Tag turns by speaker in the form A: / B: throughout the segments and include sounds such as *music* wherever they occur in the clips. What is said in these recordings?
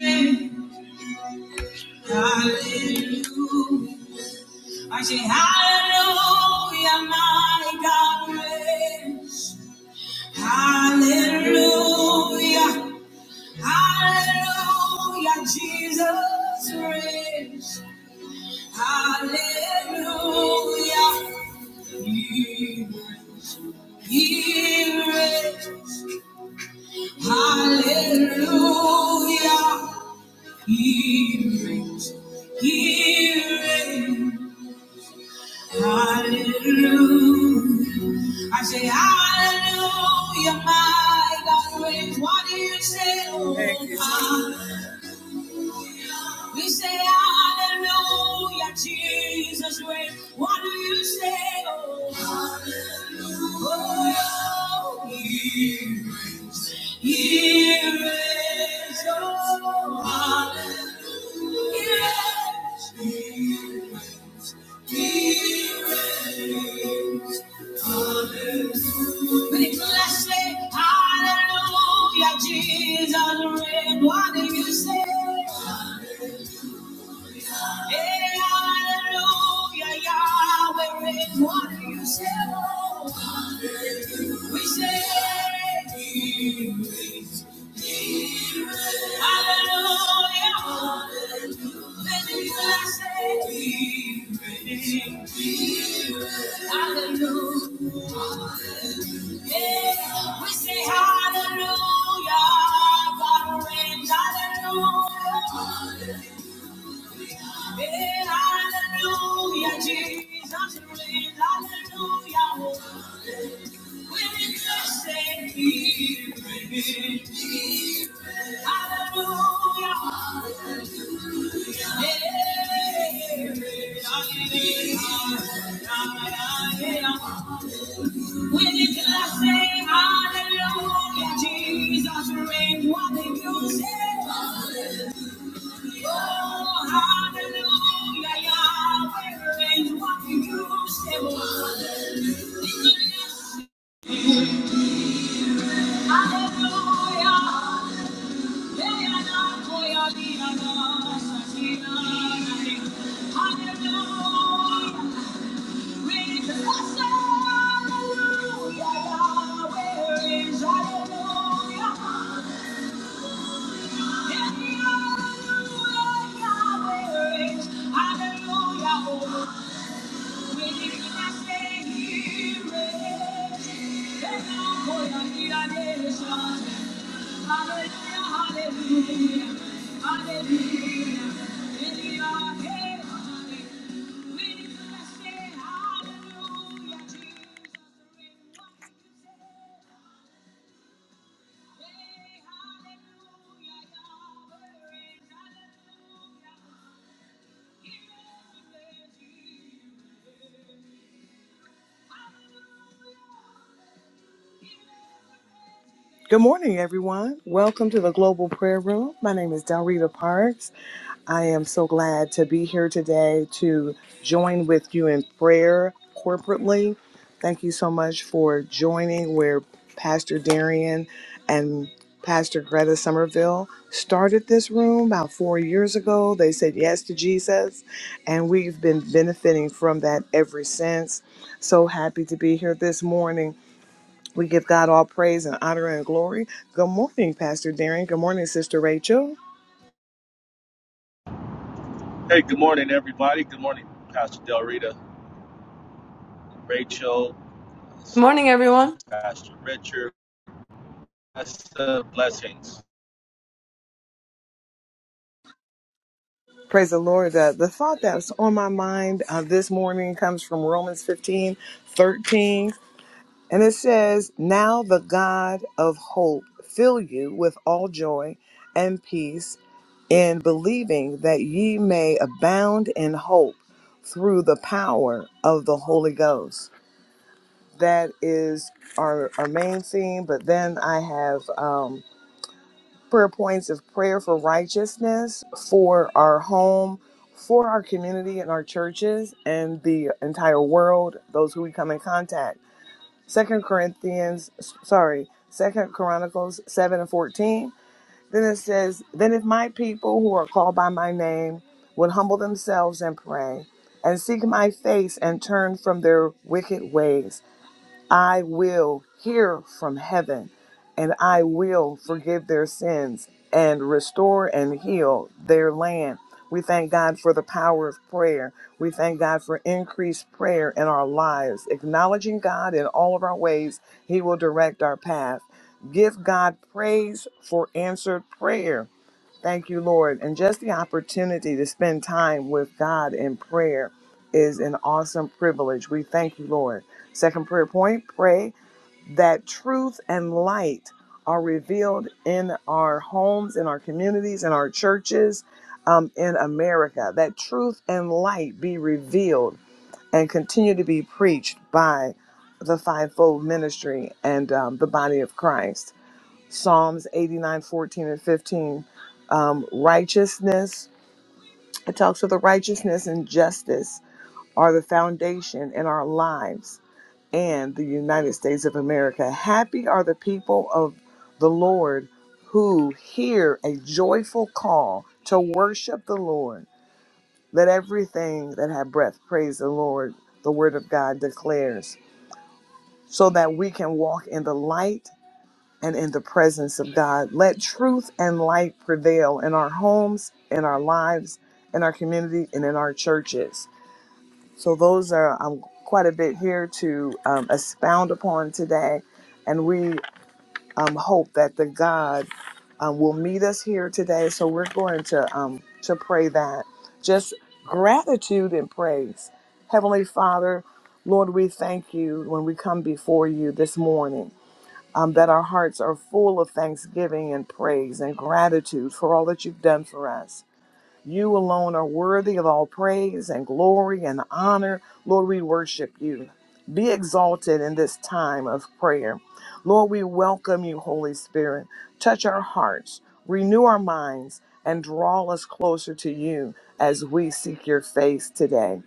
A: Hallelujah. I say hallelujah, my God. reign. Hallelujah. Hallelujah, Jesus reigns. Hallelujah. He he reigns. Hallelujah. He reigns. He reigns. Hallelujah. I say hallelujah, my God is what do you say. oh, Thank God. We say hallelujah, Jesus Wait, What do you say? Oh, hallelujah. Oh, he reigns. Oh, hallelujah. He reigns. Blessed, hallelujah, Jesus, reign. what do you say? Hey, hallelujah, Yahweh, reign. what do you say? We say, He hallelujah, blessed, He reigns. hallelujah. We say hallelujah, God reigns, hallelujah. Yeah, hallelujah, Jesus reigns, hallelujah. We just say he reigns. Hallelujah. Yeah, hallelujah. When you can I say hallelujah, Jesus reigns, what did you say? Oh, hallelujah, Yahweh reigns, what did you say? Hallelujah, hey, and I'm for your leader, God, Satina, Hallelujah, when you can I say hallelujah, Yahweh reigns, hallelujah. Hallelujah. Hey, hallelujah, Yahweh hallelujah. He reigns, he reigns, he reigns. Good morning, everyone. Welcome to the Global Prayer Room. My name is Dalrita Parks. I am so glad to be here today to join with you in prayer corporately. Thank you so much for joining where Pastor Darian and Pastor Greta Somerville started this room about four years ago. They said yes to Jesus, and we've been benefiting from that ever since. So happy to be here this morning we give God all praise and honor and glory. Good morning, Pastor Darren. Good morning, Sister Rachel.
B: Hey, good morning, everybody. Good morning, Pastor Del Rita, Rachel,
C: Good
B: see
C: morning, everyone.
B: Pastor Richard. Bless- uh, Blessings.
A: Praise the Lord. Uh, the thought that's on my mind uh, this morning comes from Romans 15, 13, And it says, Now the God of hope fill you with all joy and peace in believing that ye may abound in hope through the power of the Holy Ghost. That is our, our main theme. But then I have. Um, prayer points of prayer for righteousness, for our home, for our community and our churches and the entire world, those who we come in contact. Second Corinthians, sorry, Second Chronicles 7 and 14. Then it says, Then if my people who are called by my name would humble themselves and pray and seek my face and turn from their wicked ways. I will hear from heaven and I will forgive their sins and restore and heal their land. We thank God for the power of prayer. We thank God for increased prayer in our lives. Acknowledging God in all of our ways, He will direct our path. Give God praise for answered prayer. Thank you, Lord. And just the opportunity to spend time with God in prayer is an awesome privilege. We thank you, Lord. Second prayer point pray that truth and light are revealed in our homes, in our communities, in our churches, um, in America. That truth and light be revealed and continue to be preached by the fivefold ministry and um, the body of Christ. Psalms 89:14 and 15. Um, righteousness, it talks of the righteousness and justice are the foundation in our lives and the United States of America. Happy are the people of the Lord who hear a joyful call to worship the Lord. Let everything that have breath praise the Lord, the word of God declares, so that we can walk in the light and in the presence of God. Let truth and light prevail in our homes, in our lives, in our community, and in our churches. So, those are um, quite a bit here to um, expound upon today. And we um, hope that the God um, will meet us here today. So, we're going to, um, to pray that. Just gratitude and praise. Heavenly Father, Lord, we thank you when we come before you this morning um, that our hearts are full of thanksgiving and praise and gratitude for all that you've done for us. You alone are worthy of all praise and glory and honor. Lord, we worship you. Be exalted in this time of prayer. Lord, we welcome you, Holy Spirit. Touch our hearts, renew our minds, and draw us closer to you as we seek your face today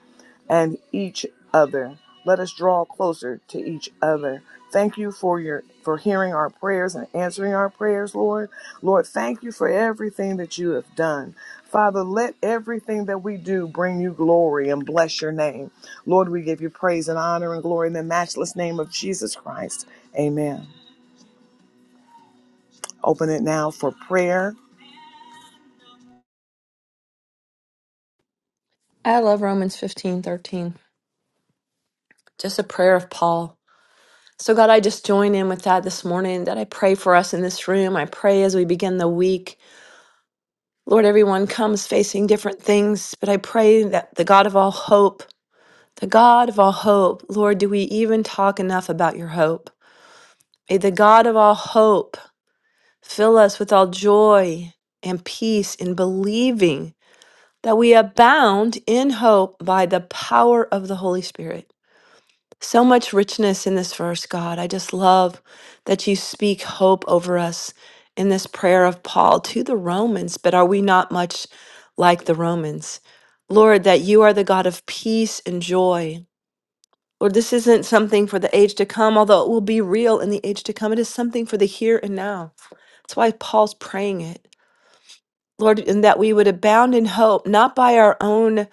A: and each other. Let us draw closer to each other. Thank you for your for hearing our prayers and answering our prayers, Lord. Lord, thank you for everything that you have done. Father, let everything that we do bring you glory and bless your name. Lord, we give you praise and honor and glory in the matchless name of Jesus Christ. Amen. Open it now for prayer.
C: I love Romans fifteen thirteen. Just a prayer of Paul. So, God, I just join in with that this morning that I pray for us in this room. I pray as we begin the week. Lord, everyone comes facing different things, but I pray that the God of all hope, the God of all hope, Lord, do we even talk enough about your hope? May the God of all hope fill us with all joy and peace in believing that we abound in hope by the power of the Holy Spirit. So much richness in this verse, God. I just love that you speak hope over us in this prayer of Paul to the Romans, but are we not much like the Romans? Lord, that you are the God of peace and joy. Lord, this isn't something for the age to come, although it will be real in the age to come. It is something for the here and now. That's why Paul's praying it. Lord, and that we would abound in hope, not by our own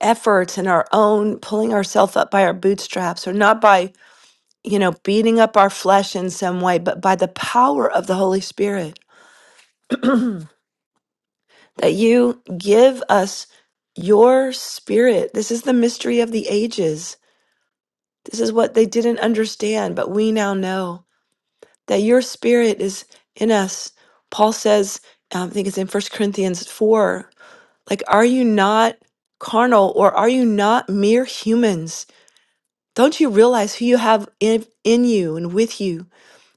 C: efforts and our own pulling ourselves up by our bootstraps, or not by you know, beating up our flesh in some way, but by the power of the Holy Spirit, *clears throat* that you give us your spirit. This is the mystery of the ages. This is what they didn't understand, but we now know that your spirit is in us. Paul says, um, I think it's in First Corinthians 4, like, are you not carnal or are you not mere humans? Don't you realize who you have in, in you and with you?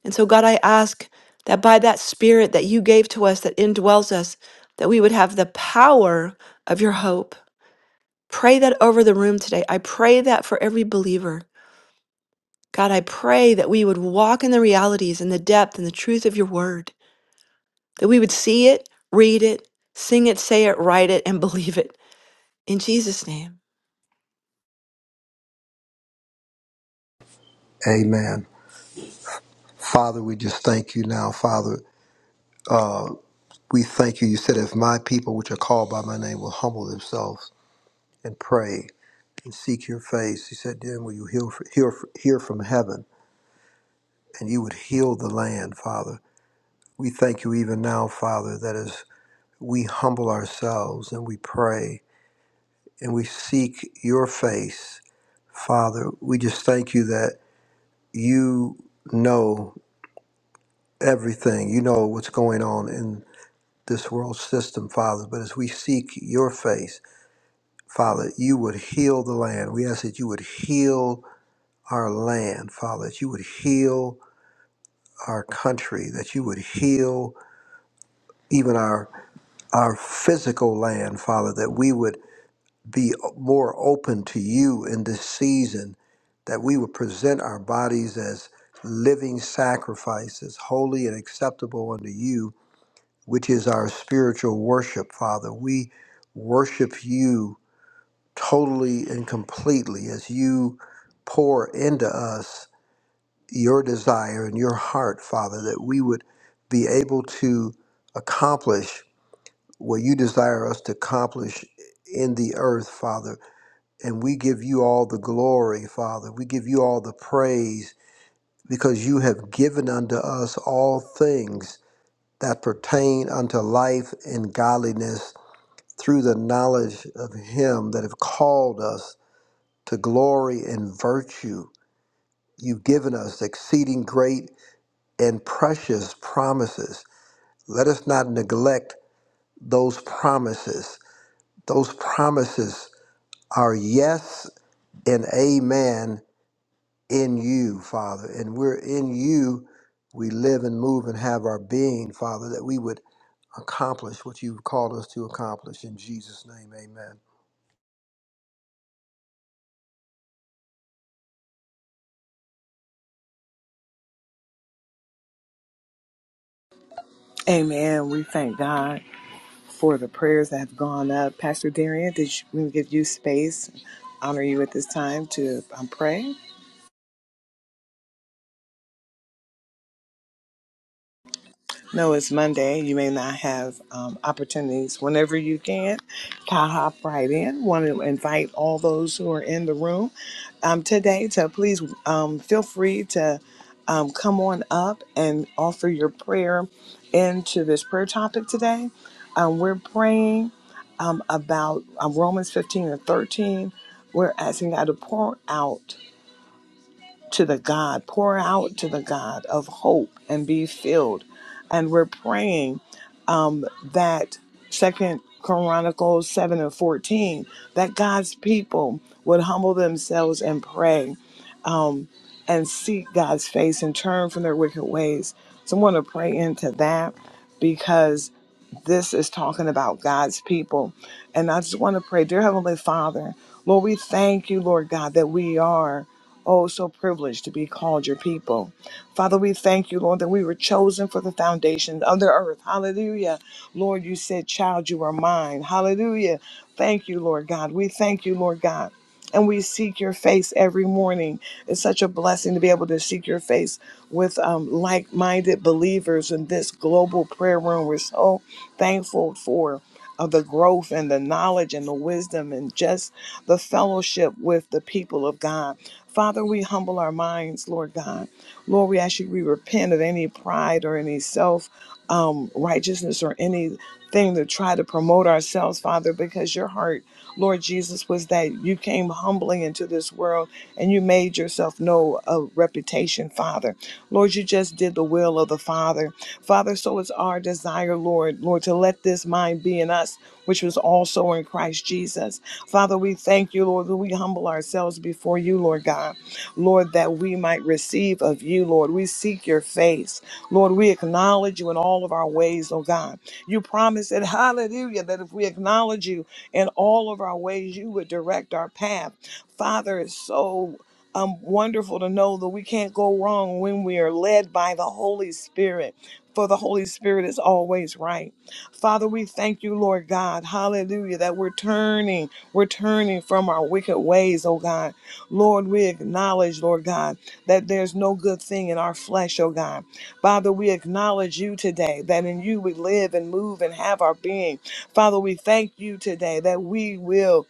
C: And so, God, I ask that by that Spirit that you gave to us, that indwells us, that we would have the power of your hope. Pray that over the room today. I pray that for every believer. God, I pray that we would walk in the realities and the depth and the truth of your word, that we would see it, read it, sing it, say it, write it, and *laughs* believe it. In Jesus' name.
D: Amen. Father, we just thank you now, Father. Uh, we thank you. You said, if my people, which are called by my name, will humble themselves and pray and seek your face, you said, then will you heal, hear, hear from heaven and you would heal the land, Father. We thank you even now, Father, that as we humble ourselves and we pray and we seek your face, Father, we just thank you that you know everything. You know what's going on in. this world system, Father, but as we seek your face, Father, you would heal the land. We ask that you would heal our land, Father, that you would heal our country, that you would heal even our our physical land, Father, that we would be more open to you in this season, that we would present our bodies as living sacrifices, holy and acceptable unto you, which is our spiritual worship, Father. We worship you totally and completely as you pour into us your desire and your heart, Father, that we would be able to accomplish what you desire us to accomplish in the earth, Father. And we give you all the glory, Father. We give you all the praise because you have given unto us all things that pertain unto life and godliness through the knowledge of him that have called us to glory and virtue. You've given us exceeding great and precious promises. Let us not neglect those promises. Those promises are yes and amen in you, Father. And we're in you. We live and move and have our being, Father, that we would accomplish what you've called us to accomplish. In Jesus' name, amen.
A: Amen. We thank God. for the prayers that have gone up. Pastor Darian, did you, we give you space, honor you at this time to um, pray? No, it's Monday. You may not have um, opportunities. Whenever you can, I'll hop right in. Want to invite all those who are in the room um, today to please um, feel free to um, come on up and offer your prayer into this prayer topic today. Um, we're praying um, about um, Romans 15 and 13. We're asking God to pour out to the God, pour out to the God of hope and be filled. And we're praying um, that Second Chronicles 7 and 14, that God's people would humble themselves and pray and seek God's face and turn from their wicked ways. So I want to pray into that because this is talking about God's people. And I just want to pray, dear Heavenly Father, Lord, we thank you, Lord God, that we are. Oh, so privileged to be called your people. Father, we thank you, Lord, that we were chosen for the foundation of the earth. Hallelujah. Lord, you said, Child, you are mine. Hallelujah. Thank you, Lord God. We thank you, Lord God and we seek your face every morning. It's such a blessing to be able to seek your face with um, like minded believers in this global prayer room. We're so thankful for. uh the growth and the knowledge and the wisdom and just the fellowship with the people of God. Father, we humble our minds, Lord God. Lord, we ask you, we repent of any pride or any self um, righteousness or anything to try to promote ourselves, Father, because your heart, Lord Jesus, was that you came humbly into this world and you made yourself know a reputation, Father. Lord, you just did the will of the Father. Father, so it's our desire desire, Lord, Lord, to let this mind be in us, which was also in Christ Jesus. Father, we thank you, Lord, that we humble ourselves before you, Lord God. Lord, that we might receive of you, Lord. We seek your face. Lord, we acknowledge you in all of our ways, oh God. You promised it, *laughs* hallelujah, that if we acknowledge you in all of our ways, you would direct our path. Father, it's so um, wonderful to know that we can't go wrong when we are led by the Holy Spirit for the Holy Spirit is always right. Father, we thank you, Lord God. Hallelujah, that we're turning, we're turning from our wicked ways, oh God. Lord, we acknowledge, Lord God, that there's no good thing in our flesh, oh God. Father, we acknowledge you today that in you we live and move and have our being. Father, we thank you today that we will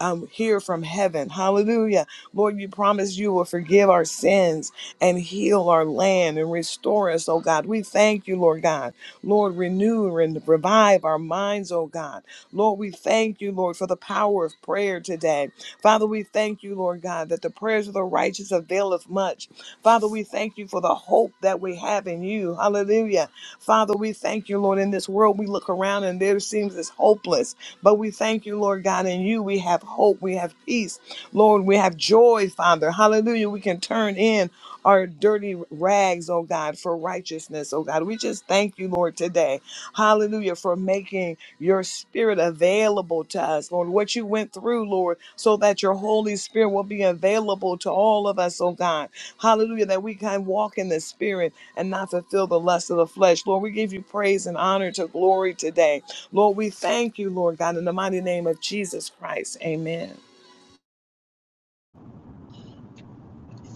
A: um, hear from heaven. Hallelujah. Lord, you promise you will forgive our sins and heal our land and restore us, oh God. We thank you, Lord God. Lord, renew and revive our minds, oh God. Lord, we thank you, Lord, for the power of prayer today. Father, we thank you, Lord God, that the prayers of the righteous availeth much. Father, we thank you for the hope that we have in you. Hallelujah. Father, we thank you, Lord. In this world, we look around and there seems as hopeless, but we thank you, Lord God. In you, we have hope, we have peace, Lord. We have joy, Father. Hallelujah. We can turn in our dirty rags, oh God, for righteousness, oh God. We just thank you, Lord, today. Hallelujah. For making your spirit available to us, Lord. What you went through, Lord, so that your Holy Spirit will be available to all of us, oh God. Hallelujah. That we can walk in the spirit and not fulfill the lust of the flesh. Lord, we give you praise and honor to glory today. Lord, we thank you, Lord God, in the mighty name of Jesus Christ. Amen.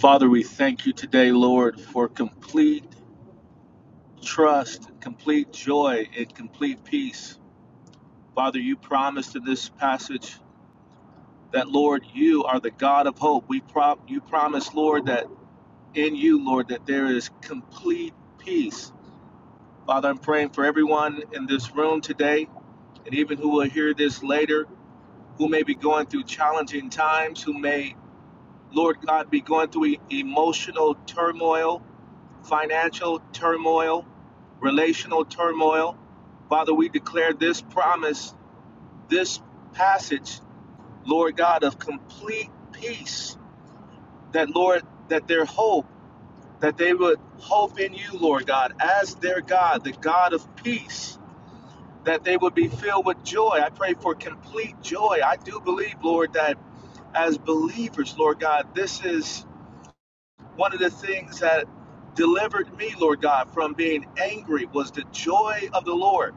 B: Father, we thank you today, Lord, for complete trust, complete joy, and complete peace. Father, you promised in this passage that, Lord, you are the God of hope. We prop you promised, Lord, that in you, Lord, that there is complete peace. Father, I'm praying for everyone in this room today and even who will hear this later who may be going through challenging times, who may, Lord God, be going through e- emotional turmoil, financial turmoil, relational turmoil. Father, we declare this promise, this passage, Lord God, of complete peace, that, Lord, that their hope, that they would hope in you, Lord God, as their God, the God of peace, that they would be filled with joy. I pray for complete joy. I do believe, Lord, that. as believers, Lord God, this is one of the things that delivered me, Lord God, from being angry was the joy of the Lord.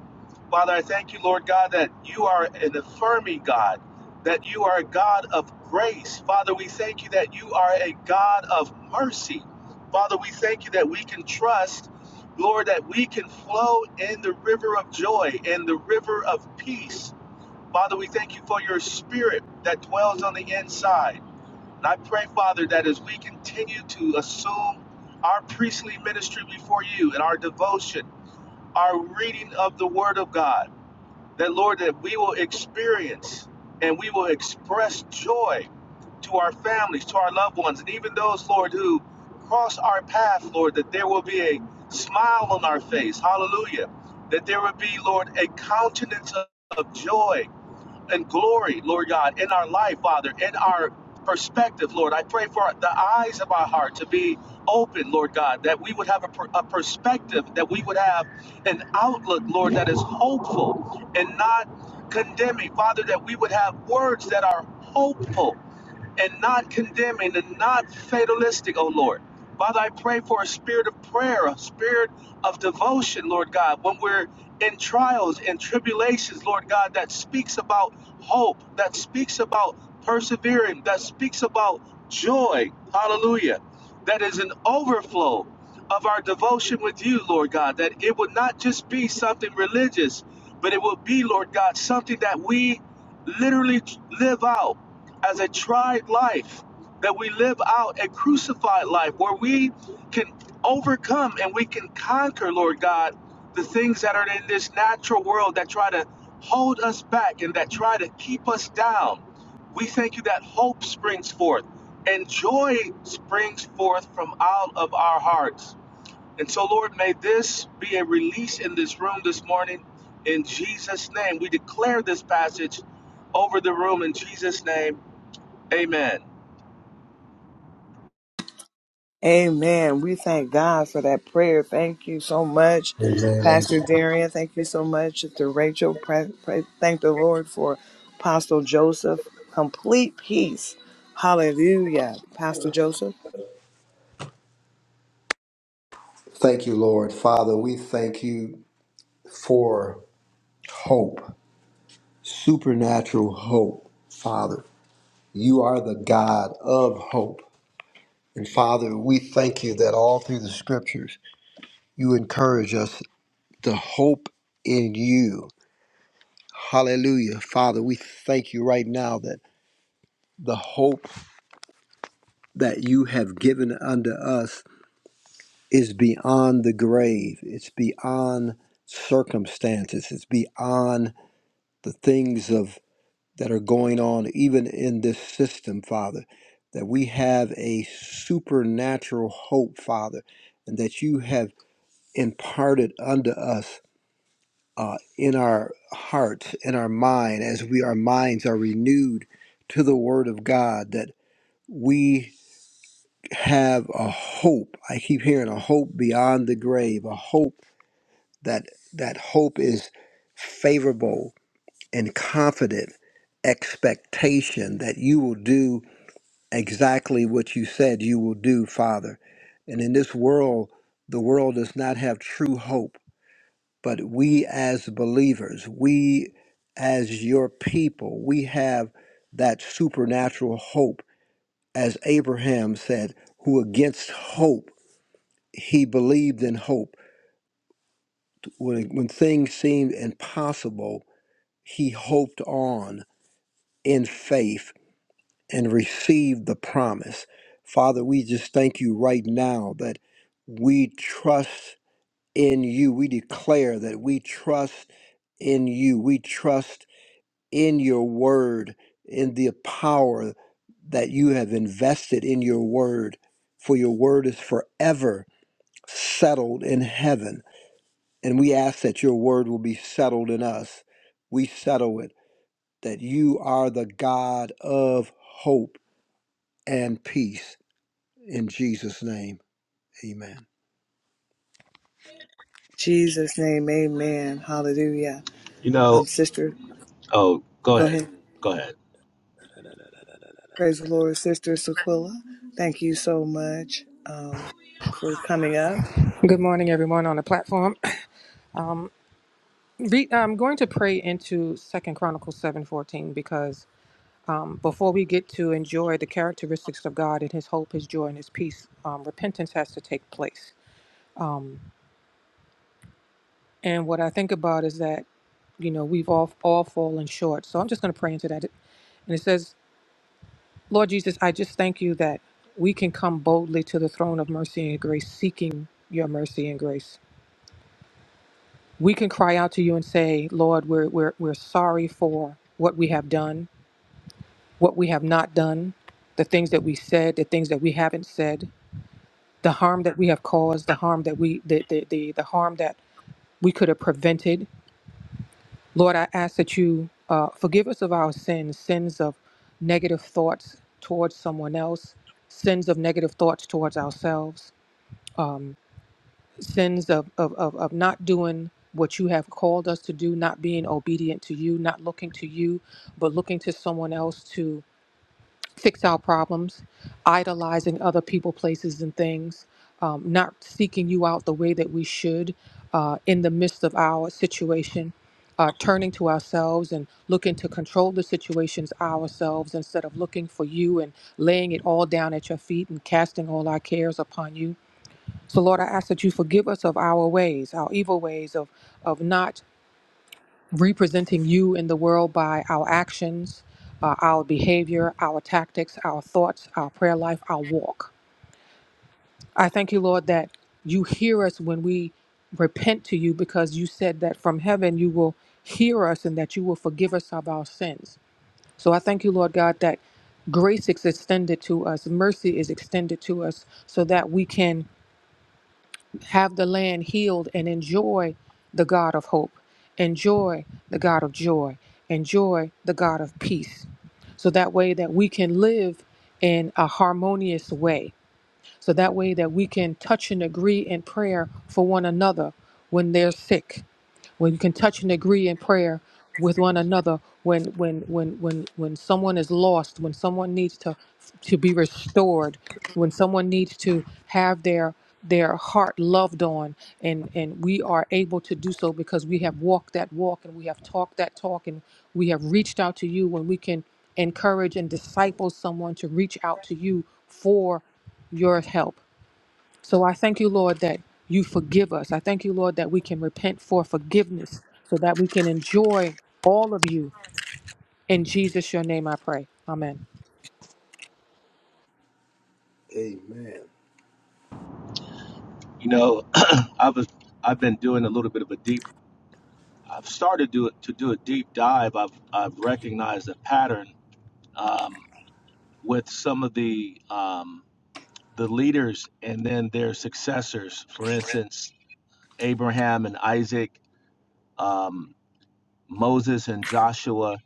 B: Father, I thank you, Lord God, that you are an affirming God, that you are a God of grace. Father, we thank you that you are a God of mercy. Father, we thank you that we can trust, Lord, that we can flow in the river of joy and the river of peace. Father, we thank you for your spirit that dwells on the inside. And I pray, Father, that as we continue to assume our priestly ministry before you and our devotion, our reading of the Word of God, that, Lord, that we will experience and we will express joy to our families, to our loved ones, and even those, Lord, who cross our path, Lord, that there will be a smile on our face. Hallelujah. That there will be, Lord, a countenance of of joy and glory, Lord God, in our life, Father, in our perspective, Lord. I pray for the eyes of our heart to be open, Lord God, that we would have a, per- a perspective, that we would have an outlook, Lord, that is hopeful and not condemning. Father, that we would have words that are hopeful and not condemning and not fatalistic, oh Lord. Father, I pray for a spirit of prayer, a spirit of devotion, Lord God, when we're in trials and tribulations, Lord God, that speaks about hope, that speaks about persevering, that speaks about joy, hallelujah, that is an overflow of our devotion with you, Lord God, that it would not just be something religious, but it will be, Lord God, something that we literally live out as a tried life, that we live out a crucified life where we can overcome and we can conquer, Lord God, the things that are in this natural world that try to hold us back and that try to keep us down. We thank you that hope springs forth and joy springs forth from out of our hearts. And so, Lord, may this be a release in this room this morning. In Jesus' name, we declare this passage over the room in Jesus' name. Amen.
A: Amen. We thank God for that prayer. Thank you so much,
D: Amen. amen.
A: Pastor Darian. Thank you so much, Sister Rachel. Pray, pray, thank the Lord for Apostle Joseph. Complete peace. Hallelujah. Pastor Joseph.
D: Thank you, Lord. Father, we thank you for hope. supernatural hope, Father. You are the God of hope. And Father, we thank you that all through the scriptures, you encourage us to hope in you. Hallelujah. Father, we thank you right now that the hope that you have given unto us is beyond the grave, it's beyond circumstances, it's beyond the things of that are going on even in this system, Father, that we have a supernatural hope, Father, and that you have imparted unto us uh, in our hearts, in our mind, as we our minds are renewed to the Word of God, that we have a hope. I keep hearing a hope beyond the grave, a hope that that hope is favorable and confident expectation that you will do exactly what you said you will do, Father. And in this world, the world does not have true hope, but we as believers, we as your people, we have that supernatural hope. As Abraham said, who against hope, he believed in hope. When, when things seemed impossible, he hoped on in faith and receive the promise. Father, we just thank you right now that we trust in you. We declare that we trust in you. We trust in your word, in the power that you have invested in your word, for your word is forever settled in heaven. And we ask that your word will be settled in us. We settle it, that you are the God of hope and peace In Jesus' name, amen.
A: Jesus' name, amen. Hallelujah.
B: You know,
A: Um, sister,
B: oh, go
A: go
B: ahead.
A: ahead.
B: Go ahead.
A: Praise the Lord, Sister Sequilla. Thank you so much um, for coming up.
E: Good morning, everyone on the platform. Um, re- I'm going to pray into Second Chronicles seven fourteen because um, before we get to enjoy the characteristics of God and His hope, His joy, and His peace, um, repentance has to take place. Um, and what I think about is that you know we've all all fallen short. So I'm just going to pray into that. And it says, Lord Jesus, I just thank you that we can come boldly to the throne of mercy and grace, seeking your mercy and grace. we can cry out to you and say, Lord, we're, we're, we're sorry for what we have done, what we have not done, the things that we said, the things that we haven't said, the harm that we have caused, the harm that we, the, the, the, the harm that we could have prevented. Lord, I ask that you uh, forgive us of our sins, sins of negative thoughts towards someone else, sins of negative thoughts towards ourselves. um, sins of, of, of, of not doing what you have called us to do, not being obedient to you, not looking to you, but looking to someone else to fix our problems, idolizing other people, places, and things, um, not seeking you out the way that we should uh, in the midst of our situation. Uh, turning to ourselves and looking to control the situations ourselves instead of looking for you and laying it all down at your feet and casting all our cares upon you so, Lord, I ask that you forgive us of our ways, our evil ways of, of not representing you in the world by our actions, uh, our behavior, our tactics, our thoughts, our prayer life, our walk. I thank you, Lord, that you hear us when we repent to you because you said that from heaven you will hear us and that you will forgive us of our sins. So, I thank you, Lord God, that grace is extended to us, mercy is extended to us so that we can have the land healed and enjoy the God of hope, enjoy the God of joy, enjoy the God of peace. So that way that we can live in a harmonious way. So that way that we can touch and agree in prayer for one another when they're sick when you can touch and agree in prayer with one another when when when when when someone is lost when someone needs to to be restored when someone needs to have their their heart loved on and and we are able to do so because we have walked that walk and we have talked that talk and we have reached out to you when we can encourage and disciple someone to reach out to you for your help so I thank you, Lord, that you forgive us. I thank you, Lord, that we can repent for forgiveness so that we can enjoy all of you. In Jesus, your name, I pray. Amen.
D: Amen.
B: You know, *clears throat* I was I've been doing a little bit of a deep I've started do to do a deep dive. I've I've recognized a pattern um, with some of the um, the leaders and then their successors. For instance, Abraham and Isaac, um, Moses and Joshua,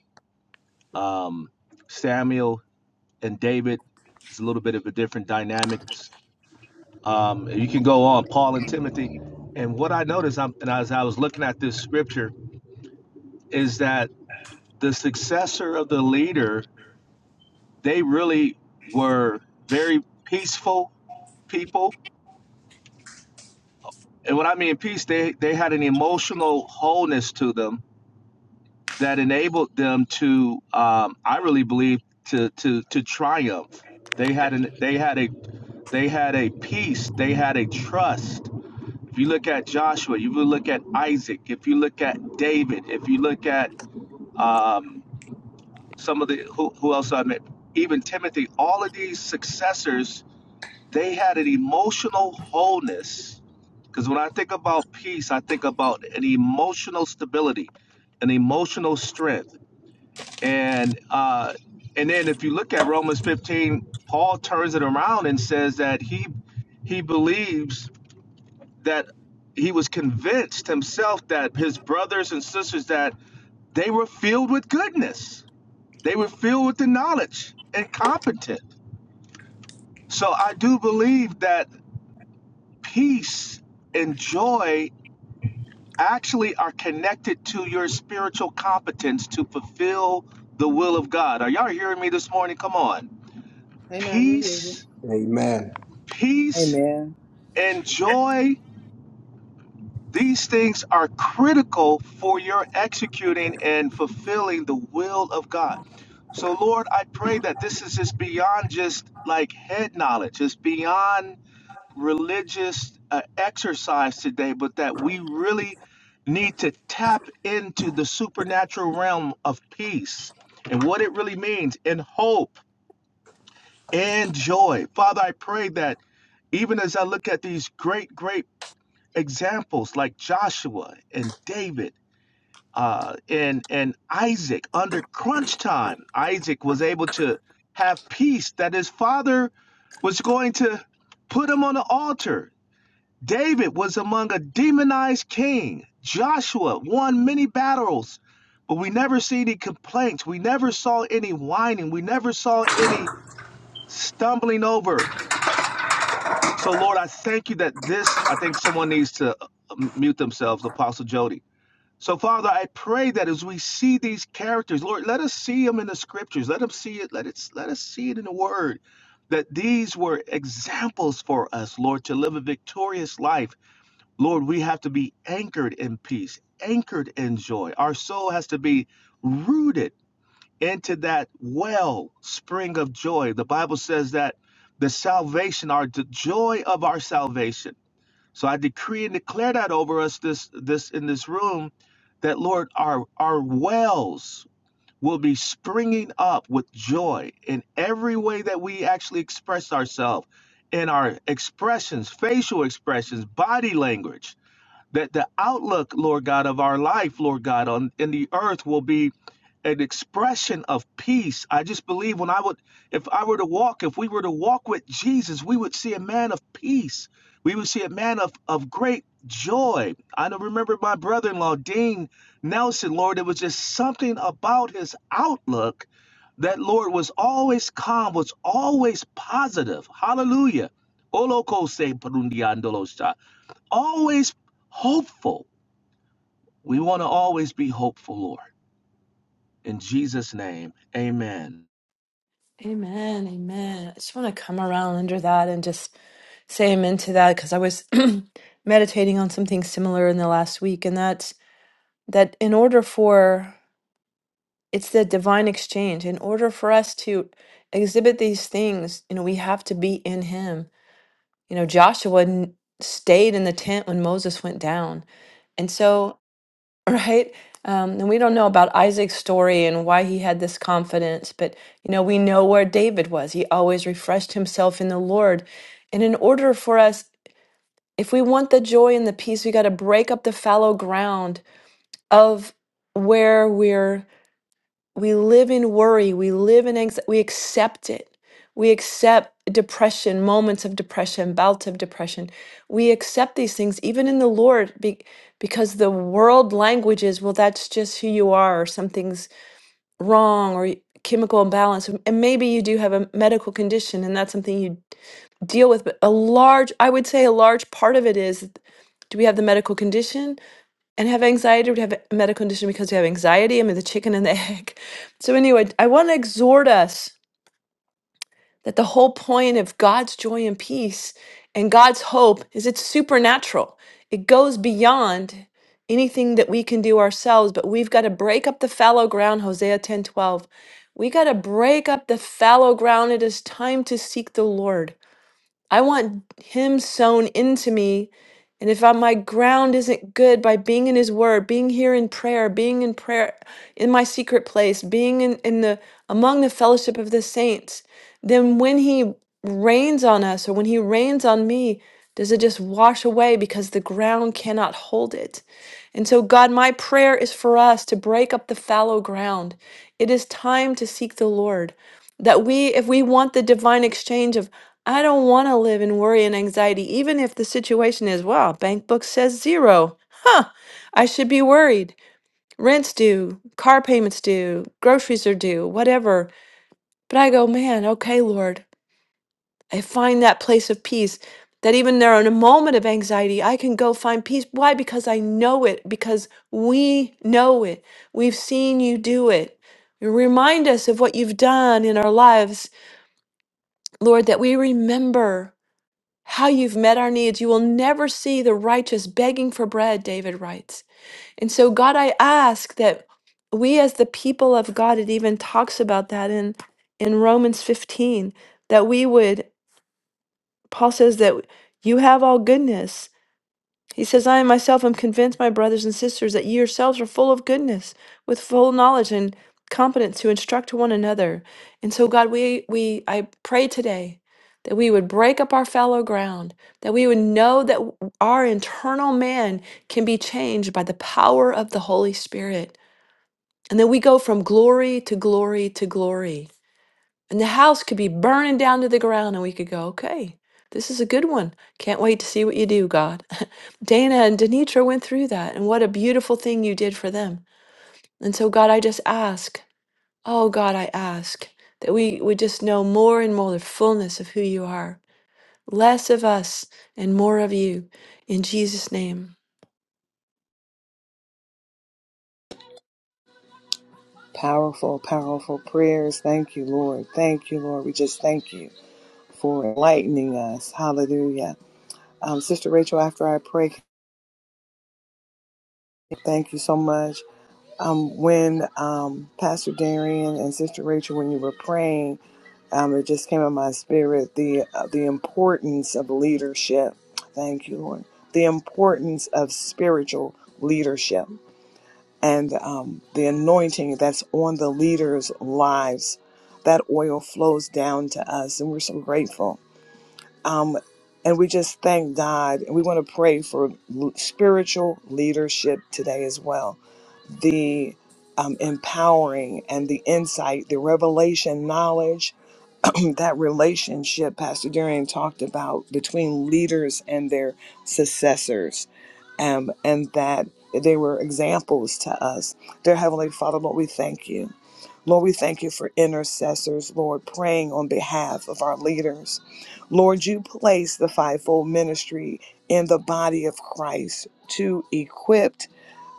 B: um, Samuel and David. It's a little bit of a different dynamic. Um, you can go on Paul and Timothy. And what I noticed, I'm, and as I was looking at this scripture, is that the successor of the leader, they really were very peaceful people. And when I mean peace, they, they had an emotional wholeness to them that enabled them to, um, I really believe, to, to, to triumph. They had an, they had a, they had a peace. They had a trust If you look at Joshua, if you look at Isaac, if you look at David, if you look at um, some of the who, who else I met, even Timothy, all of these successors, they had an emotional wholeness. Because when I think about peace, I think about an emotional stability, an emotional strength, and uh, and then if you look at Romans 15, Paul turns it around and says that he he believes that he was convinced himself that his brothers and sisters that they were filled with goodness they were filled with the knowledge and competent so i do believe that peace and joy actually are connected to your spiritual competence to fulfill the will of god are y'all hearing me this morning come on
E: Amen. We hear you.
B: peace
D: Amen.
B: peace
A: Amen.
B: and joy These things are critical for your executing and fulfilling the will of God. So, Lord, I pray that this is just beyond just like head knowledge, it's beyond religious uh, exercise today, but that we really need to tap into the supernatural realm of peace and what it really means and hope and joy. Father, I pray that even as I look at these great, great examples like Joshua and David uh, and and Isaac under crunch time. Isaac was able to have peace that his father was going to put him on the altar. David was among a demonized king. Joshua won many battles, but we never see any complaints. We never saw any whining. We never saw any stumbling over. So, Lord, I thank you that this, I think someone needs to uh, mute themselves, Apostle Jody So, Father, I pray that as we see these characters, Lord, let us see them in the scriptures. Let them see it. Let it. Let us see it in the Word. That these were examples for us, Lord, to live a victorious life. Lord, we have to be anchored in peace, anchored in joy. Our soul has to be rooted into that well spring of joy. The Bible says that the salvation, our the joy of our salvation. So I decree and declare that over us this this in this room that Lord our our wells will be springing up with joy in every way that we actually express ourselves in our expressions, facial expressions, body language that the outlook, Lord God, of our life, Lord God, on in the earth will be an expression of peace. I just believe when I would, if I were to walk, if we were to walk with Jesus, we would see a man of peace. We would see a man of, of great joy. I don't remember my brother in law, Dean Nelson, Lord, it was just something about his outlook that, Lord, was always calm, was always positive. Hallelujah always hopeful. We want to always be hopeful, Lord. In Jesus' name, amen.
C: Amen. Amen. I just want to come around under that and just say amen to that because I was *clears throat* meditating on something similar in the last week. and that's that in order for it's the divine exchange in order for us to exhibit these things you know we have to be in him you know joshua n- stayed in the tent when moses went down and so *laughs* right um, and we don't know about isaac's story and why he had this confidence but you know we know where david was he always refreshed himself in the lord and in order for us if we want the joy and the peace we got to break up the fallow ground of where we're we live in worry we live in anxiety we accept it we accept depression moments of depression bouts of depression we accept these things even in the lord be- because the world language is well that's just who you are or something's wrong or y- chemical imbalance and and maybe you do have a medical condition and that's something you deal with but a large i would say a large part of it is do we have the medical condition and have anxiety would have a medical condition because you have anxiety. I mean, the chicken and the *laughs* egg. So, anyway, I want to exhort us that the whole point of God's joy and peace and God's hope is it's supernatural, it goes beyond anything that we can do ourselves, but we've got to break up the fallow ground, Hosea ten twelve. We got to break up the fallow ground. It is time to seek the Lord. I want Him sown into me. And if I, my ground isn't good by being in His Word, being here in prayer, being in prayer in my secret place, being in, in the among the fellowship of the saints, then when He rains on us or when He rains on me, does it just wash away because the ground cannot hold it? And so, God, my prayer is for us to break up the fallow ground. It is time to seek the Lord. That we, if we want the divine exchange of, I don't want to live in worry and anxiety, even if the situation is, well, bank book says zero. I should be worried. Rent's due, car payments due, groceries are due, whatever. But I go, man, okay, Lord. I find that place of peace that even there in a moment of anxiety, I can go find peace. Why? Because I know it, because we know it. We've seen you do it. You Remind us of what you've done in our lives Lord, that we remember how you've met our needs. You will never see the righteous begging for bread, David writes. And so, God, I ask that we, as the people of God, it even talks about that in, in Romans 15, that we would, Paul says that you have all goodness he says, I myself am convinced, my brothers and sisters, that ye yourselves are full of goodness, with full knowledge and competence to instruct one another. And so, God, we, we I pray today that we would break up our fallow ground, that we would know that w- our internal man can be changed by the power of the Holy Spirit, and that we go from glory to glory to glory and the house could be burning down to the ground, and we could go, okay, this is a good one. Can't wait to see what you do, God. *laughs* Dana and Denitra went through that, and what a beautiful thing you did for them. And so, God, I just ask, oh, God, I ask that we would just know more and more the fullness of who you are, less of us and more of you. In Jesus' name.
A: Powerful, powerful prayers. Thank you, Lord. Thank you, Lord. We just thank you. for enlightening us. Hallelujah. Um, Sister Rachel, after I pray, thank you so much. Um, when um, Pastor Darian and Sister Rachel, when you were praying, um, it just came in my spirit the uh, the importance of leadership. Thank you, Lord. The importance of spiritual leadership and um, the anointing that's on the leaders' lives. That oil flows down to us, and we're so grateful Um, and we just thank God and we want to pray for l- spiritual leadership today as well the um, empowering and the insight, the revelation, knowledge, *clears throat* that relationship Pastor Darian talked about between leaders and their successors, um, and that they were examples to us. Dear Heavenly Father, Lord, we thank you. Lord, we thank you for intercessors, Lord, praying on behalf of our leaders. Lord, you place the fivefold ministry in the body of Christ to equip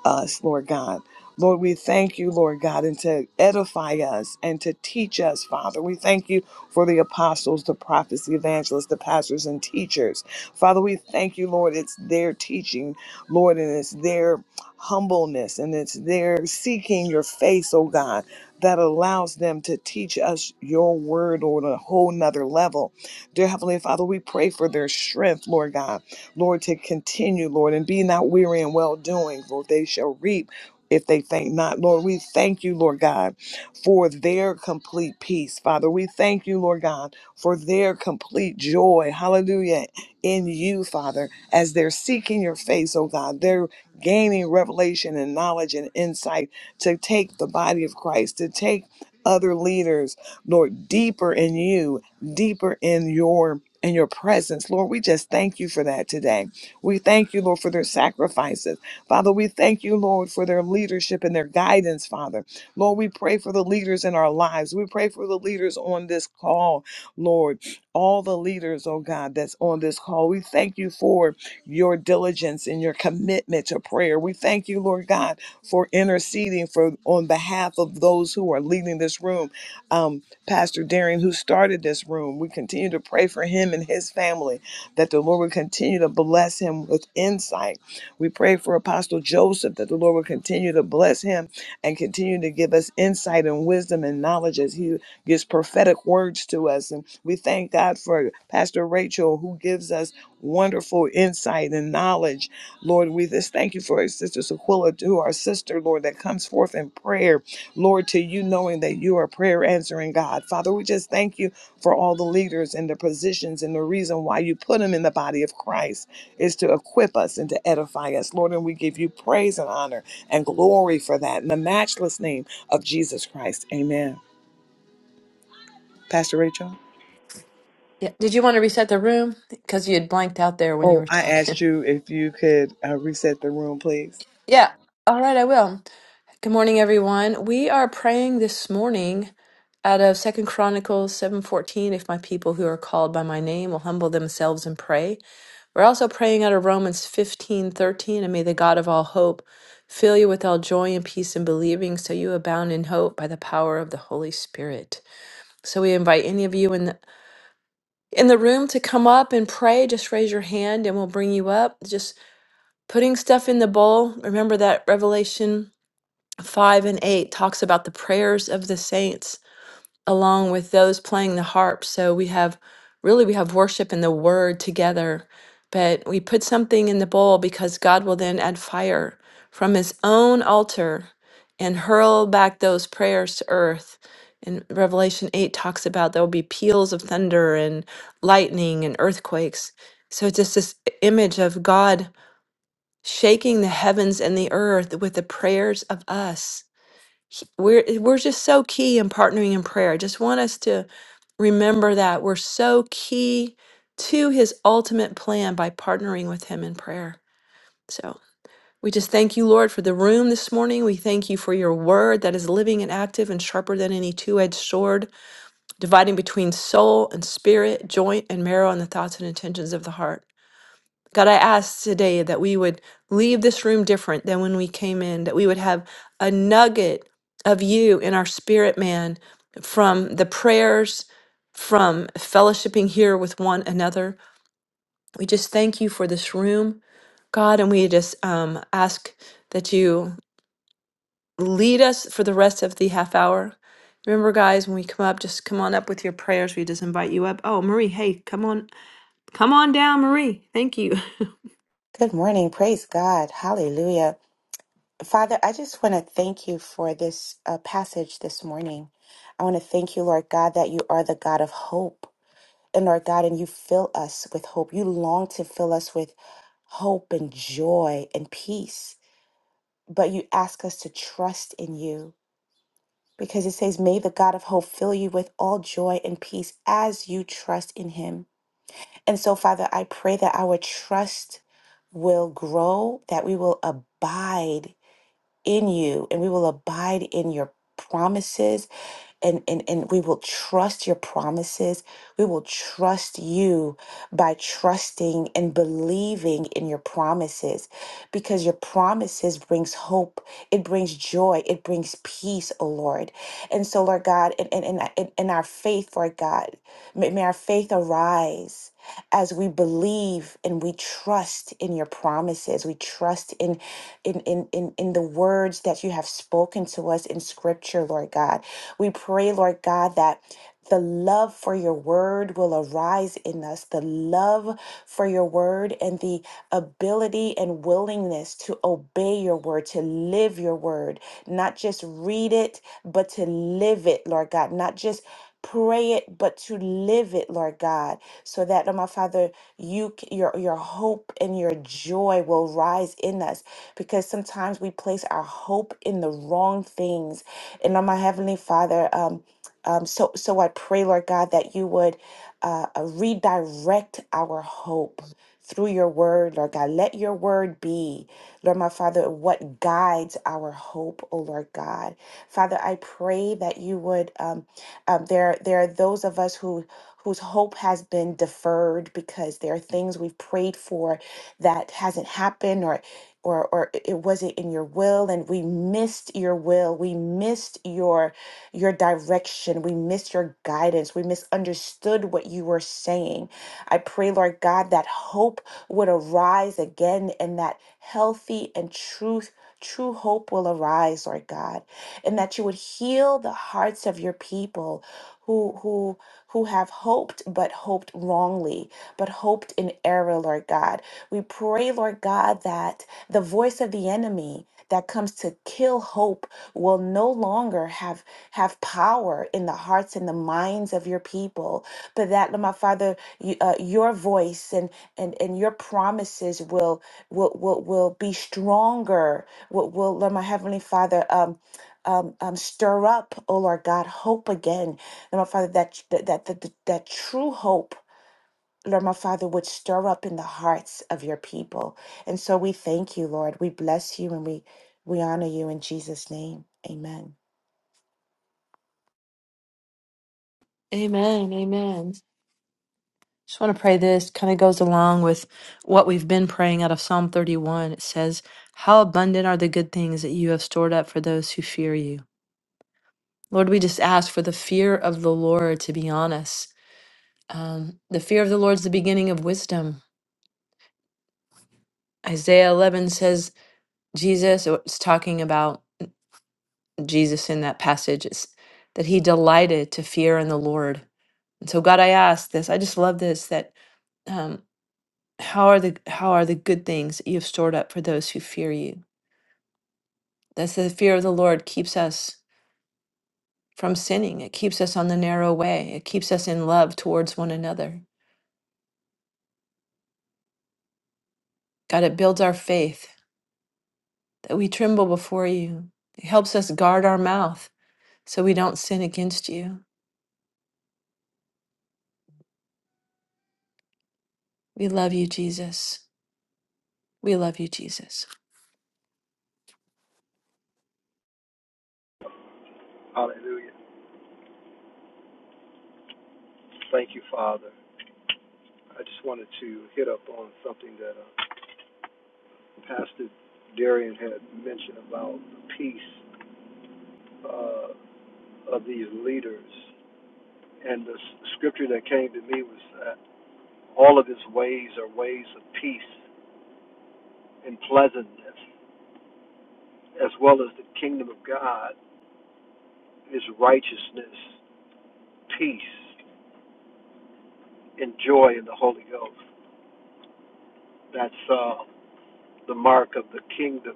A: us, Lord God. Lord, we thank you, Lord God, and to edify us and to teach us, Father. We thank you for the apostles, the prophets, the evangelists, the pastors, and teachers. Father, we thank you, Lord, it's their teaching, Lord, and it's their humbleness and it's their seeking your face, oh God, that allows them to teach us your word on a whole nother level. Dear Heavenly Father, we pray for their strength, Lord God. Lord, to continue, Lord, and be not weary in well doing, for They shall reap if they think not. Lord, we thank you, Lord God, for their complete peace, Father. We thank you, Lord God, for their complete joy, hallelujah, in you, Father, as they're seeking your face, oh God. They're gaining revelation and knowledge and insight to take the body of Christ, to take other leaders Lord, deeper in you, deeper in your in your presence. Lord, we just thank you for that today. We thank you, Lord, for their sacrifices. Father, we thank you, Lord, for their leadership and their guidance, Father. Lord, we pray for the leaders in our lives. We pray for the leaders on this call, Lord. All the leaders, oh God, that's on this call. We thank you for your diligence and your commitment to prayer. We thank you, Lord Lord God, for interceding for on behalf of those who are leading this room. Um, Pastor Darian, who started this room, we continue to pray for him and his family that the Lord would continue to bless him with insight. We pray for Apostle Joseph that the Lord would continue to bless him and continue to give us insight and wisdom and knowledge as he gives prophetic words to us. And we thank God for Pastor Rachel, who gives us wonderful insight and knowledge. Lord, we just thank you for Sister Sequilla, to our sister, Lord, that comes forth in prayer. Lord, to you knowing that you are prayer answering God. Father, we just thank you for all the leaders and the positions and the reason why you put them in the body of Christ is to equip us and to edify us. Lord, and we give you praise and honor and glory for that in the matchless name of Jesus Christ. Amen. Pastor Rachel?
C: Yeah. Did you want to reset the room? Because you had blanked out there when you
A: Oh,
C: were
A: I
C: talking.
A: asked
C: *laughs*
A: you if you could uh, reset the room, please.
C: Yeah. All right, I will. Good morning, everyone. We are praying this morning out of Second Chronicles 7:14, if my people who are called by my name will humble themselves and pray. We're also praying out of Romans 15:13, and may the God of all hope fill you with all joy and peace in believing, so you abound in hope by the power of the Holy Spirit. So we invite any of you in the, in the room to come up and pray. Just raise your hand and we'll bring you up. Just putting stuff in the bowl. Remember that Revelation 5 and 8 talks about the prayers of the saints along with those playing the harp so we have really we have worship and the word together but we put something in the bowl because god will then add fire from his own altar and hurl back those prayers to earth and revelation 8 talks about there will be peals of thunder and lightning and earthquakes so it's just this image of god shaking the heavens and the earth with the prayers of us Sh- We're eh, we're just so key in partnering in prayer. I just want us to remember that we're so key to his ultimate plan by partnering with him in prayer. So we just thank you, Lord, for the room this morning. We thank you for your word that is living and active and sharper than any two edged sword, dividing between soul and spirit, joint and marrow, and the thoughts and intentions of the heart. God, I ask today that we would leave this room different than when we came in, that we would have a nugget of you in our spirit, man, from the prayers, from fellowshipping here with one another. We just thank you for this room, God, and we just um, ask that you lead us for the rest of the half hour. Remember, guys, when we come up, just come on up with your prayers. We just invite you up. Oh, Marie, hey, come on, come on down, Marie. Thank you.
F: Good morning. Praise God. Hallelujah. Father, I just want to thank you for this uh, passage this morning. I want to thank you, Lord God, that you are the God of hope. And Lord God, and you fill us with hope. You long to fill us with hope and joy and peace. But you ask us to trust in you because it says, May the God of hope fill you with all joy and peace as you trust in him And so, Father, I pray that our trust will grow, that we will abide in you and we will abide in your promises and, and, and we will trust your promises. We will trust you by trusting and believing in your promises because your promises brings hope. It brings joy. It brings peace, oh Lord. And so, Lord God, in, in, in, in our faith, Lord God, may, may our faith arise as we believe and we trust in your promises. We trust in in in in, in the words that you have spoken to us in scripture, Lord God. We pray, Lord God, that the love for your word will arise in us. The love for your word and the ability and willingness to obey your word, to live your word, not just read it, but to live it, Lord God, not just pray it but to live it lord god so that oh my father you c- your your hope and your joy will rise in us because sometimes we place our hope in the wrong things and oh my heavenly father um um, so, so I pray, Lord God, that you would uh, uh, redirect our hope through your word, Lord God. Let your word be, Lord my Father, what guides our hope, oh Lord God. Father, I pray that you would um, um there there are those of us who whose hope has been deferred because there are things we've prayed for that hasn't happened or or or it it wasn't in your will and we missed your will we missed your your direction we missed your guidance we misunderstood what you were saying I pray, Lord God, that hope would arise again and that healthy and truth. True hope will arise, Lord God, and that you would heal the hearts of your people who who who have hoped but hoped wrongly, but hoped in error, Lord God. We pray, Lord God, that the voice of the enemy that comes to kill hope will no longer have have power in the hearts and the minds of your people. But that, Lord, my Father, y- uh, your voice and, and and your promises will will will, will be stronger will, will let my heavenly father um um, um, stir up, oh Lord God, hope again, Lord my Father, that that that that, that true hope, Lord my Father, would stir up in the hearts of your people. And so we thank you, Lord. We bless you and we we honor you in Jesus' name. Amen.
C: *laughs* Amen. Amen. Just want to pray this kind of goes along with what we've been praying out of Psalm 31. It says, How abundant are the good things that you have stored up for those who fear you. Lord, we just ask for the fear of the Lord to be on us. Um, the fear of the Lord is the beginning of wisdom. Isaiah 11 says, Jesus, or it's talking about Jesus in that passage, it's that he delighted to fear in the Lord. And so, God, I ask this. I just love this that um, how are the how are the good things that you have stored up for those who fear you That's the fear of the Lord keeps us from sinning. It keeps us on the narrow way. It keeps us in love towards one another. God, it builds our faith that we tremble before you. It helps us guard our mouth so we don't sin against you. We love you, Jesus. We love you, Jesus.
D: Hallelujah. Thank you, Father. I just wanted to hit up on something that uh, Pastor Darian had mentioned about the peace uh, of these leaders. And the scripture that came to me was that all of his ways are ways of peace and pleasantness, as well as the kingdom of God is righteousness, peace, and joy in the Holy Ghost. That's uh, the mark of the kingdom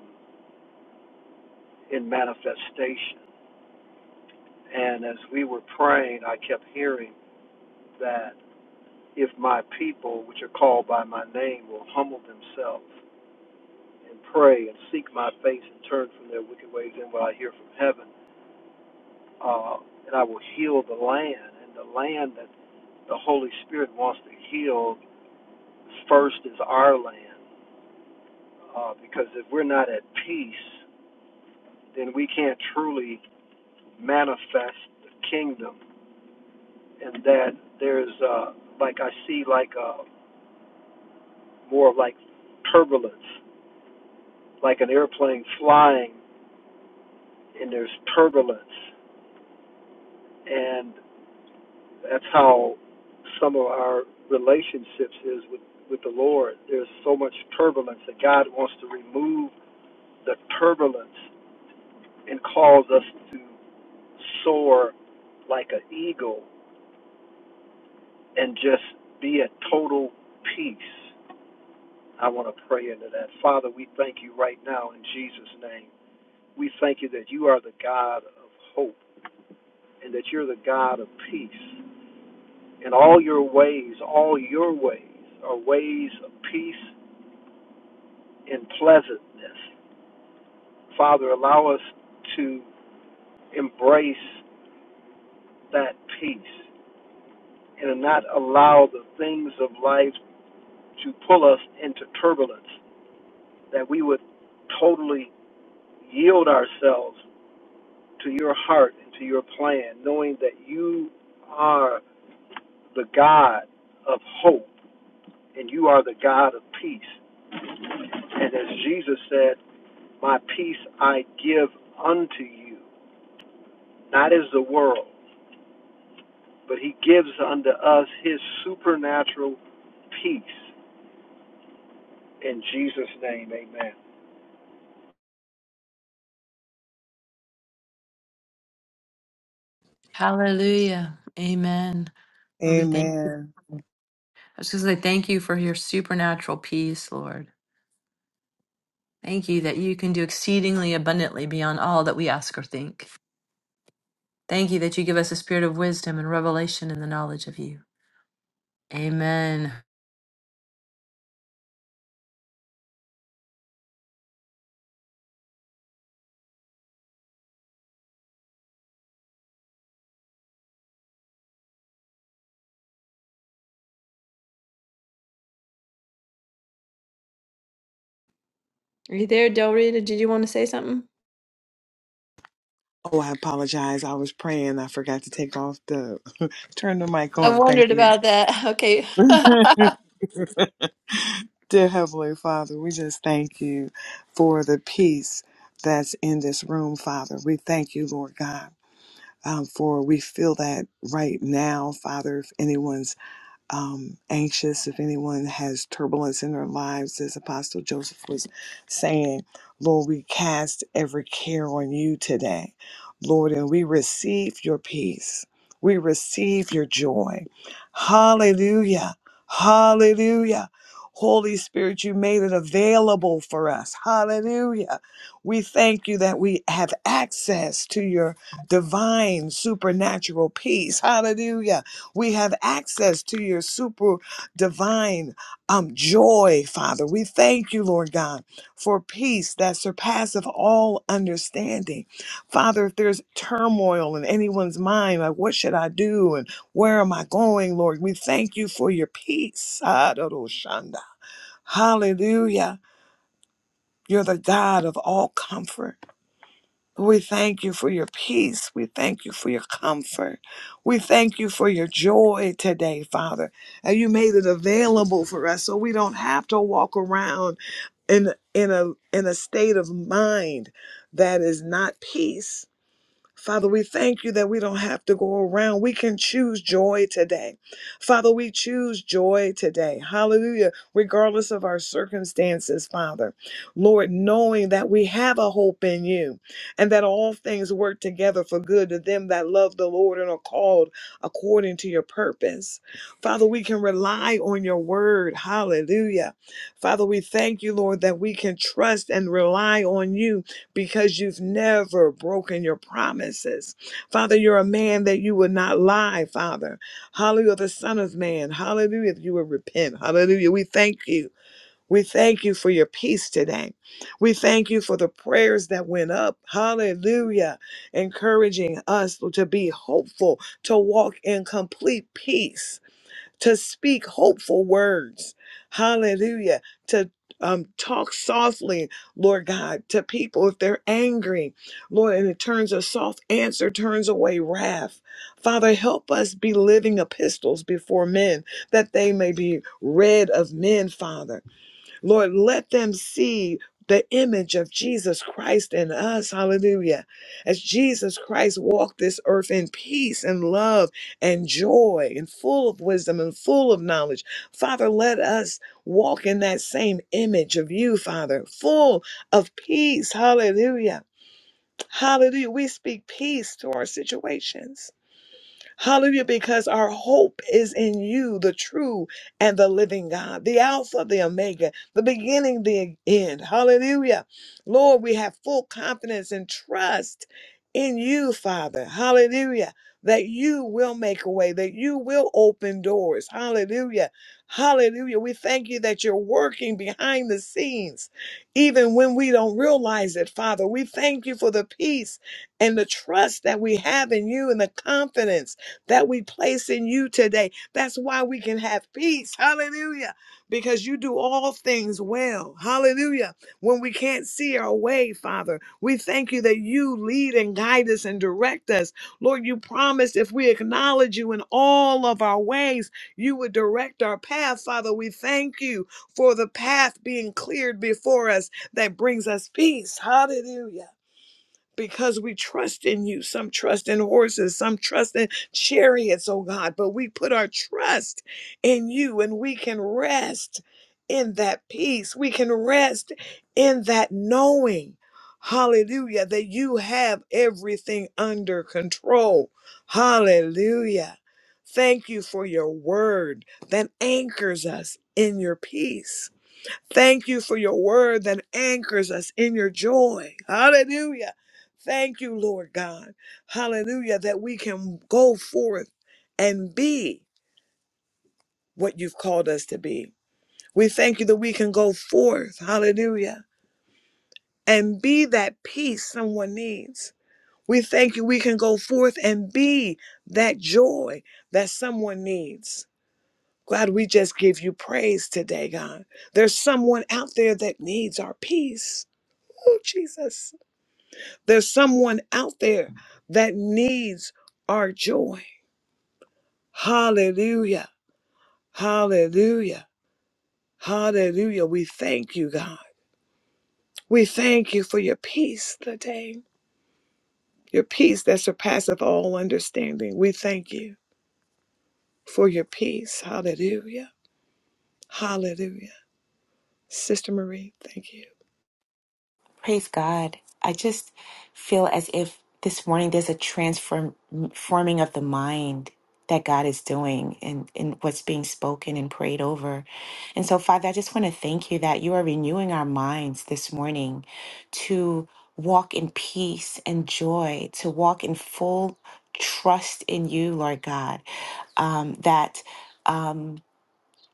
D: in manifestation. And as we were praying, I kept hearing that if my people, which are called by my name, will humble themselves and pray and seek my face and turn from their wicked ways, then will I hear from heaven, uh, and I will heal the land. And the land that the Holy Spirit wants to heal first is our land. Uh, because if we're not at peace, then we can't truly manifest the kingdom and that there's uh like I see like uh more of like turbulence, like an airplane flying and there's turbulence and that's how some of our relationships is with, with the Lord. There's so much turbulence that God wants to remove the turbulence and cause us to soar like an eagle and just be at total peace I want to pray into that. Father, we thank you right now in Jesus' name. We thank you that you are the God of hope and that you're the God of peace. And all your ways, all your ways are ways of peace and pleasantness. Father, allow us to embrace that peace and not allow the things of life to pull us into turbulence, that we would totally yield ourselves to your heart and to your plan, knowing that you are the God of hope and you are the God of peace. And as Jesus said, My peace I give unto you, not as the world, but He gives unto us His supernatural peace. In Jesus' name, amen.
C: Hallelujah. Amen. Lord, we thank you.
A: Amen.
C: I was just going to say thank you for your supernatural peace, Lord. Thank you that you can do exceedingly abundantly beyond all that we ask or think. Thank you that you give us a spirit of wisdom and revelation in the knowledge of you. Amen. Are you there, Del Rita? Did you want to say something?
A: Oh, I apologize. I was praying. I forgot to take off the *laughs* turn the mic
C: I
A: on. Thank
C: wondered
A: you.
C: about that. Okay.
A: *laughs* Dear Heavenly Father, we just thank you for the peace that's in this room, Father. We thank you, Lord God, um, for we feel that right now, Father. If anyone's um, anxious if anyone has turbulence in their lives, as Apostle Joseph was saying, Lord, we cast every care on you today, Lord, and we receive your peace. We receive your joy. Hallelujah. Hallelujah. Holy Spirit, you made it available for us. Hallelujah. We thank you that we have access to your divine supernatural peace. Hallelujah we have access to your super divine um, joy, Father. We thank you, Lord God, for peace that surpasses all understanding. Father, if there's turmoil in anyone's mind, like what should I do and where am I going, Lord? We thank you for your peace. Hallelujah. You're the God of all comfort. We thank you for your peace. We thank you for your comfort. We thank you for your joy today, Father. And you made it available for us so we don't have to walk around in in a in a state of mind that is not peace. Father, we thank you that we don't have to go around. We can choose joy today. Father, we choose joy today. Hallelujah. Regardless of our circumstances, Father. Lord, knowing that we have a hope in you and that all things work together for good to them that love the Lord and are called according to your purpose. Father, we can rely on your word. Hallelujah. Father, we thank you, Lord, that we can trust and rely on you because you've never broken your promises. Father, you're a man that you would not lie, Father. Hallelujah, the Son of Man. Hallelujah, if you would repent. Hallelujah, we thank you. We thank you for your peace today. We thank you for the prayers that went up. Hallelujah. Encouraging us to be hopeful, to walk in complete peace to speak hopeful words. Hallelujah. To um, talk softly, Lord God, to people if they're angry, Lord, and it turns a soft answer, turns away wrath. Father, help us be living epistles before men that they may be read of men, Father. Lord, let them see the image of Jesus Christ in us. Hallelujah. As Jesus Christ walked this earth in peace and love and joy and full of wisdom and full of knowledge. Father, let us walk in that same image of you, Father, full of peace. Hallelujah. Hallelujah. We speak peace to our situations. Hallelujah, because our hope is in you, the true and the living God, the Alpha, the Omega, the beginning, the end. Hallelujah. Lord, we have full confidence and trust in you, Father. Hallelujah. That you will make a way, that you will open doors. Hallelujah. Hallelujah. We thank you that you're working behind the scenes, even when we don't realize it, Father. We thank you for the peace and the trust that we have in you and the confidence that we place in you today. That's why we can have peace. Hallelujah. Because you do all things well. Hallelujah. When we can't see our way, Father, we thank you that you lead and guide us and direct us. Lord, you promised if we acknowledge you in all of our ways, you would direct our path. Father, we thank you for the path being cleared before us that brings us peace. Hallelujah because we trust in you. Some trust in horses, some trust in chariots, oh God, but we put our trust in you and we can rest in that peace. We can rest in that knowing. Hallelujah, that you have everything under control. Hallelujah. Thank you for your word that anchors us in your peace. Thank you for your word that anchors us in your joy. Hallelujah. Thank you, Lord God. Hallelujah, that we can go forth and be what you've called us to be. We thank you that we can go forth, hallelujah, and be that peace someone needs. We thank you we can go forth and be that joy that someone needs. God, we just give you praise today, God. There's someone out there that needs our peace. Oh, Jesus. There's someone out there that needs our joy. Hallelujah. Hallelujah. Hallelujah. We thank you, God. We thank you for your peace today, your peace that surpasseth all understanding. We thank you for your peace. Hallelujah. Hallelujah. Sister Marie, thank you.
F: Praise God. I just feel as if this morning there's a transform forming of the mind that God is doing and, in in what's being spoken and prayed over. And so, Father, I just want to thank you that you are renewing our minds this morning to walk in peace and joy, to walk in full trust in you, Lord God, um, that. Um,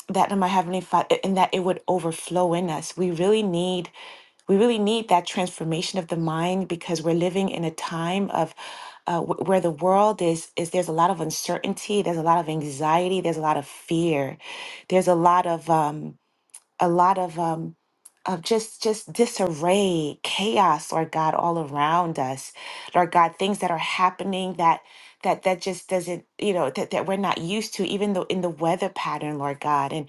F: that in my heavenly father and that it would overflow in us we really need we really need that transformation of the mind because we're living in a time of uh, wh- where the world is is there's a lot of uncertainty there's a lot of anxiety there's a lot of fear there's a lot of um, a lot of um of just just disarray, chaos, Lord God, all around us. Lord God, things that are happening that that that just doesn't, you know, that, that we're not used to, even though in the weather pattern, Lord God. And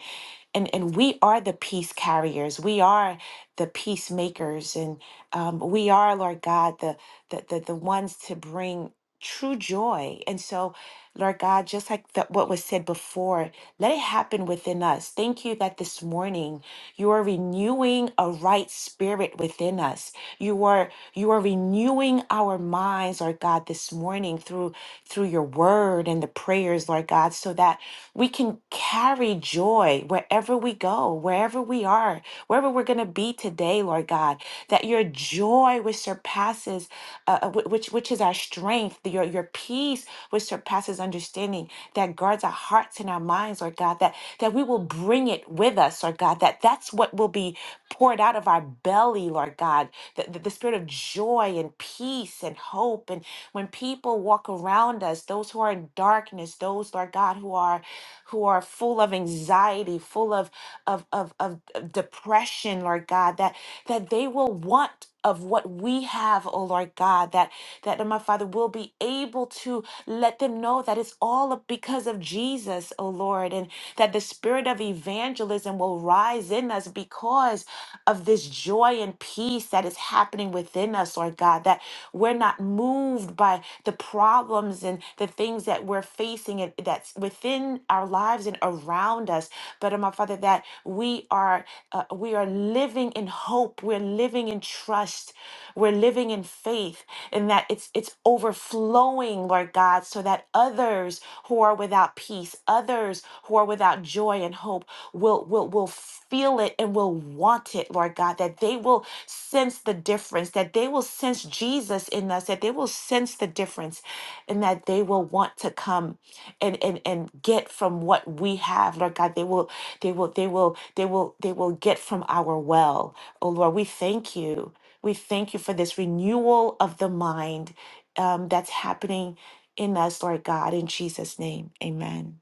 F: and and we are the peace carriers. We are the peacemakers, and um, we are, Lord God, the the the, the ones to bring true joy. And so Lord God, just like the, what was said before, let it happen within us. Thank you that this morning you are renewing a right spirit within us. You are you are renewing our minds, Lord God, this morning through through your word and the prayers, Lord God, so that we can carry joy wherever we go, wherever we are, wherever we're going to be today, Lord God that your joy which surpasses uh, uh, wh- which which is our strength your your peace which surpasses understanding that guards our hearts and our minds lord god that that we will bring it with us lord god that that's what will be poured out of our belly lord god the, the, the spirit of joy and peace and hope and when people walk around us those who are in darkness those lord god who are who are full of anxiety full of of of of depression, Lord God, that that they will want of what we have, oh Lord God, that that my Father will be able to let them know that it's all because of Jesus, oh Lord, and that the spirit of evangelism will rise in us because of this joy and peace that is happening within us, Lord God, that we're not moved by the problems and the things that we're facing and that's within our lives present around us, but uh, my Father, that we are uh, we are living in hope, we're living in trust, we're living in faith, and that it's it's overflowing, Lord God, so that others who are without peace, others who are without joy and hope, will will will feel it and will want it, Lord God, that they will sense the difference, that they will sense Jesus in us, that they will sense the difference, and that they will want to come and and and get from what we have lord god they will they will they will they will they will get from our well oh lord we thank you we thank you for this renewal of the mind um, that's happening in us lord god in jesus name amen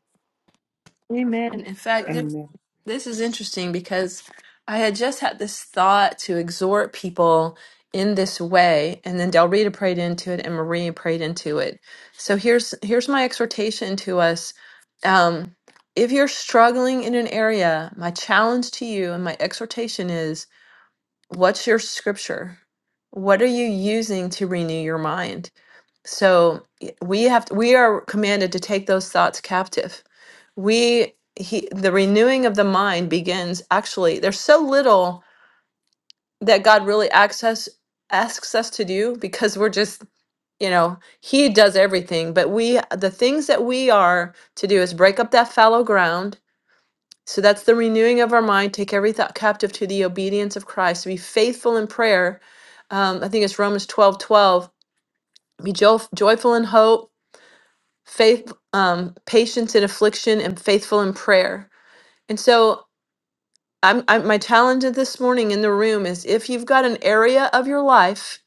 C: *laughs* Amen. In fact, this, this is interesting because I had just had this thought to exhort people in this way, and then Del Rita prayed into it, and Marie prayed into it. So here's here's my exhortation to us. Um, if you're struggling in an area, my challenge to you and my exhortation is What's your scripture? What are you using to renew your mind? So y- we have we are commanded to take those thoughts captive. We he, the renewing of the mind begins actually there's so little that God really access asks us to do because we're just you know he does everything but we the things that we are to do is break up that fallow ground so that's the renewing of our mind. Take every thought captive to the obedience of Christ. be faithful in prayer. Um, I think it's Romans 12 12. Be jo- joyful in hope, faith, um, patience in affliction, and faithful in prayer. And so I'm, I'm my challenge of this morning in the room is if you've got an area of your life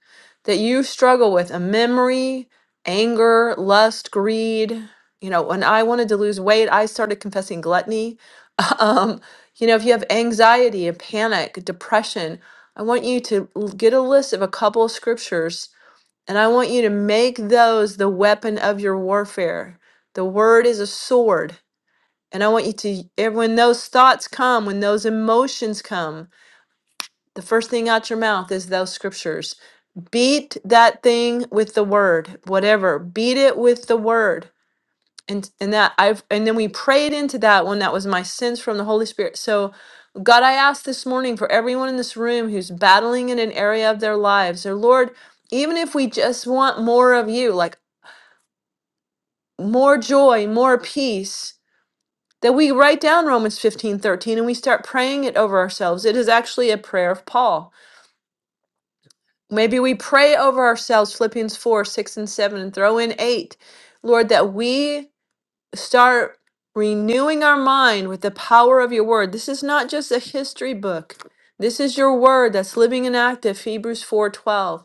C: that you struggle with a memory, anger, lust, greed. You know, when I wanted to lose weight, I started confessing gluttony. *laughs* Um, you know, if you have anxiety and panic, depression, I want you to l- get a list of a couple of scriptures and I want you to make those the weapon of your warfare. The word is a sword and I want you to, ev- when those thoughts come, when those emotions come, the first thing out your mouth is those scriptures. Beat that thing with the word, whatever. Beat it with the word. And, and that I've and then we prayed into that one that was my sense from the Holy Spirit. So God, I ask this morning for everyone in this room who's battling in an area of their lives, or Lord, even if we just want more of you, like more joy, more peace, that we write down Romans 15 13 and we start praying it over ourselves. It is actually a prayer of Paul. Maybe we pray over ourselves Philippians 4, 6, and 7, and throw in 8. Lord, that we start renewing our mind with the power of your word. This is not just a history book. This is your word that's living and active, Hebrews 4:12.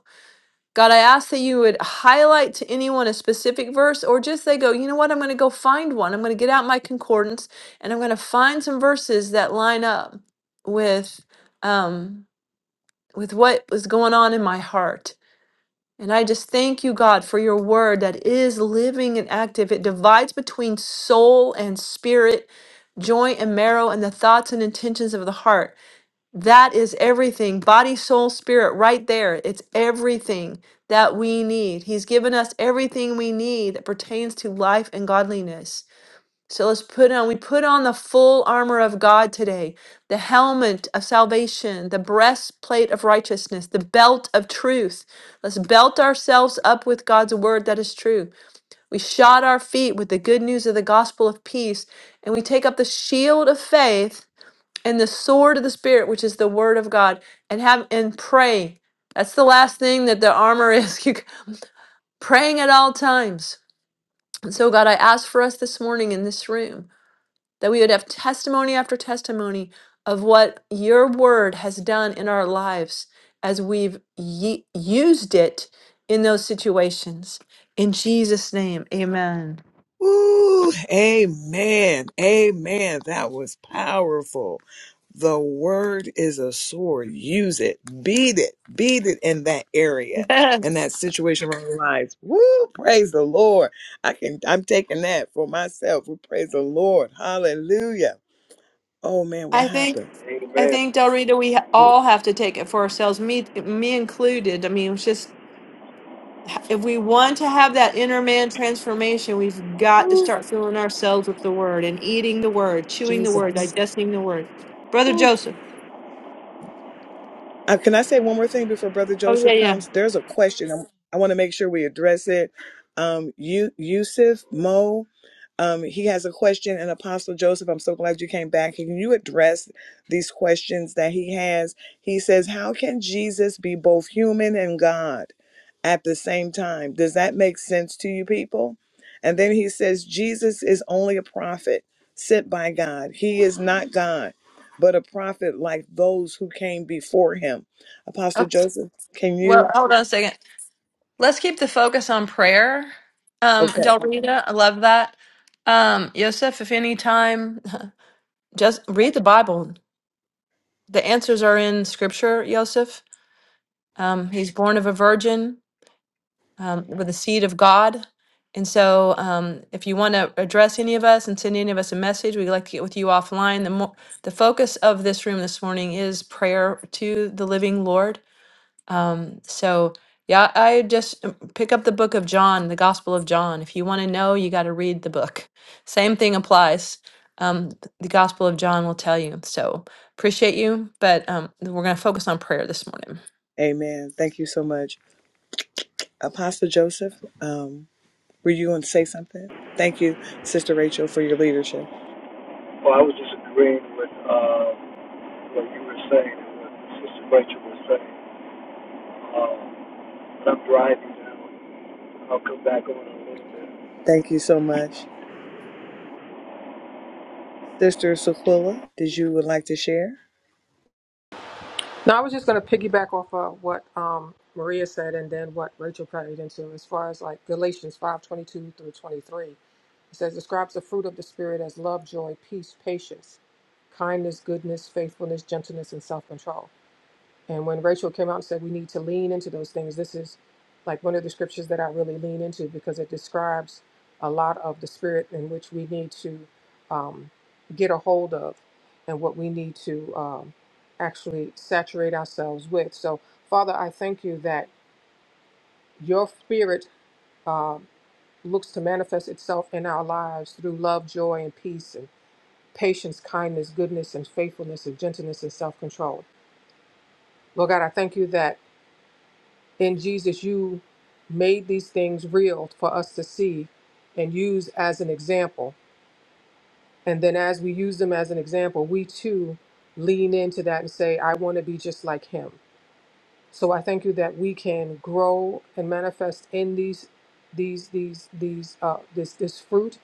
C: God, I ask that you would highlight to anyone a specific verse, or just they go, you know what, I'm going to go find one. I'm going to get out my concordance and I'm going to find some verses that line up with um, with what was going on in my heart. And I just thank you, God, for your word that is living and active. It divides between soul and spirit, joint and marrow, and the thoughts and intentions of the heart. That is everything body, soul, spirit, right there. It's everything that we need. He's given us everything we need that pertains to life and godliness. So let's put on, we put on the full armor of God today the helmet of salvation, the breastplate of righteousness, the belt of truth. Let's belt ourselves up with God's word that is true. We shod our feet with the good news of the gospel of peace, and we take up the shield of faith and the sword of the spirit which is the word of god and have and pray. that's the last thing that the armor is *laughs* you- praying at all times and so god i ask for us this morning in this room that we would have testimony after testimony of what your word has done in our lives as we've ye- used it in those situations in jesus name amen
A: Ooh, amen. Amen. That was powerful. The word is a sword. Use it. Beat it. Beat it in that area, in
C: yes
A: that situation where your lives. Woo! Praise the Lord. I can. I'm taking that for myself. We praise the Lord. Hallelujah. Oh man, what
C: I think
A: happened?
C: I
D: Amen.
C: think Del Rita, we ha- all have to take it for ourselves, me me included. I mean, it's just if we want to have that inner man transformation, we've got to start filling ourselves with the word and eating the word, chewing the word, digesting the word. Brother Joseph.
A: Uh, can I say one more thing before Brother
C: Oh yeah,
A: Joseph
C: yeah.
A: comes? There's a question. I'm, I want to make sure we address it. Um, you, Yusuf Mo, um, he has a question. And Apostle Joseph, I'm so glad you came back. Can you address these questions that he has? He says, "How can Jesus be both human and God at the same time? Does that make sense to you people?" And then he says, "Jesus is only a prophet sent by God. He is not God." but a prophet like those who came before him. Apostle
C: Okay.
A: Joseph, can
C: Well,
A: you?
C: hold on a second. Let's keep the focus on prayer. Um,
A: Okay.
C: Del Rita, I love that. Um, Yosef, if any time, just read the Bible. The answers are in Scripture, Yosef Um, he's born of a virgin um, with the seed of God. And so, um, if you want to address any of us and send any of us a message, we'd like to get with you offline. The, mo- the focus of this room this morning is prayer to the living Lord. Um, so, yeah, I just um, pick up the book of John, the Gospel of John. If you want to know, you got to read the book. Same thing applies. Um, the Gospel of John will tell you. So, appreciate you, but um, we're going to focus on prayer this morning.
A: Amen. Thank you so much. Apostle Joseph, um, were you going to say something? Thank you, Sister Rachel, for your leadership.
D: Well, I was just agreeing with uh, what you were saying and what Sister Rachel was saying. Um, I'm driving now. I'll come back on in a little bit.
A: Thank you so much. Sister Sequilla, did you would like to share?
E: Now, I was just going to piggyback off of what um, Maria said and then what Rachel prayed into as far as like Galatians five twenty two through 23. It says, describes the fruit of the Spirit as love, joy, peace, patience, kindness, goodness, faithfulness, gentleness, and self control. And when Rachel came out and said we need to lean into those things, this is like one of the scriptures that I really lean into because it describes a lot of the spirit in which we need to um, get a hold of and what we need to um, actually saturate ourselves with. So, Father, I thank you that your spirit uh, looks to manifest itself in our lives through love, joy, and peace, and patience, kindness, goodness, and faithfulness, and gentleness, and self control. Lord God, I thank you that. And Jesus, you made these things real for us to see and use as an example. And then as we use them as an example, we too lean into that and say, I want to be just like him. So I thank you that we can grow and manifest in these these these these uh this this fruit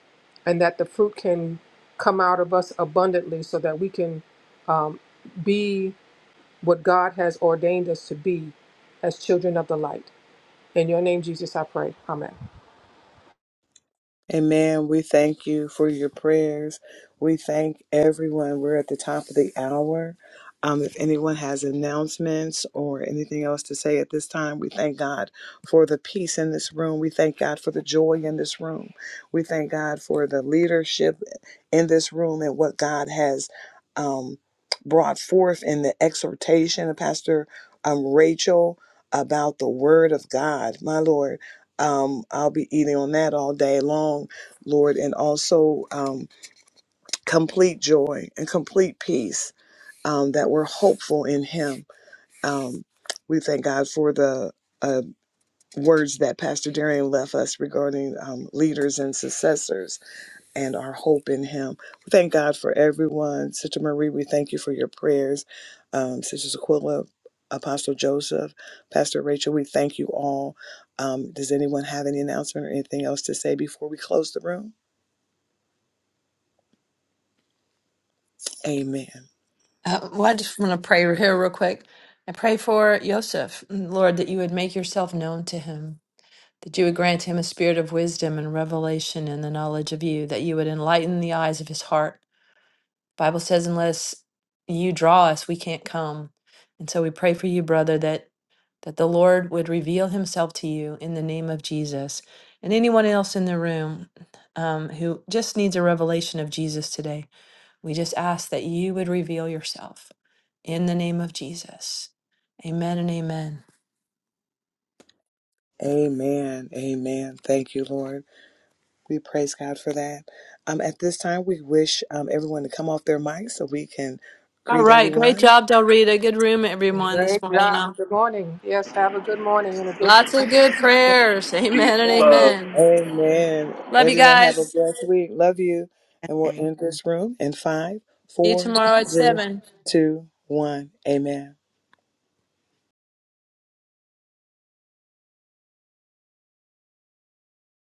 E: and that the fruit can come out of us abundantly so that we can be what God has ordained us to be as children of the light. In your name, Jesus, I pray. Amen.
A: Amen. We thank you for your prayers. We thank everyone. We're at the top of the hour. Um, if anyone has announcements or anything else to say at this time, we thank God for the peace in this room. We thank God for the joy in this room. We thank God for the leadership in this room and what God has um, brought forth in the exhortation of Pastor um, Rachel about the Word of God. My Lord um, I'll be eating on that all day long, Lord, and also um, complete joy and complete peace um, that we're hopeful in Him. Um, we thank God for the uh, words that Pastor Darian left us regarding um, leaders and successors and our hope in Him. We thank God for everyone. Sister Marie, we thank you for your prayers. Um, Sister Aquila, Apostle Joseph, Pastor Rachel, we thank you all. Um, does anyone have any announcement or anything else to say before we close the room? Amen.
C: Uh, well, I just want to pray here real quick. I pray for Yosef, mm, Lord, that you would make yourself known to him, that you would grant him a spirit of wisdom and revelation and the knowledge of you, that you would enlighten the eyes of his heart. Bible says, unless you draw us, we can't come. And so we pray for you, brother, that that the Lord would reveal himself to you in the name of Jesus. And anyone else in the room um, who just needs a revelation of Jesus today, we just ask that you would reveal yourself in the name of Jesus. Amen and amen.
A: Amen. Amen. Thank you, Lord. We praise God for that. Um, at this time, we wish um, everyone to come off their mics so we can
C: All
A: greet
C: right. Great
A: everyone.
C: job, Del Rita. Good room, everyone, this
E: Great
C: morning.
E: job.
C: Uh,
E: Good morning. Yes, have a good morning and a good,
C: Lots of good prayers. *laughs*
D: Peace
C: Amen and
D: and
E: yes.
D: love.
C: amen.
A: Amen.
C: Love you
A: Everyone have a
C: guys.
A: blessed week. Love you. And we'll end this room in five,
C: See you
A: four,
C: tomorrow at
A: three,
C: 7.
A: two, one. Amen.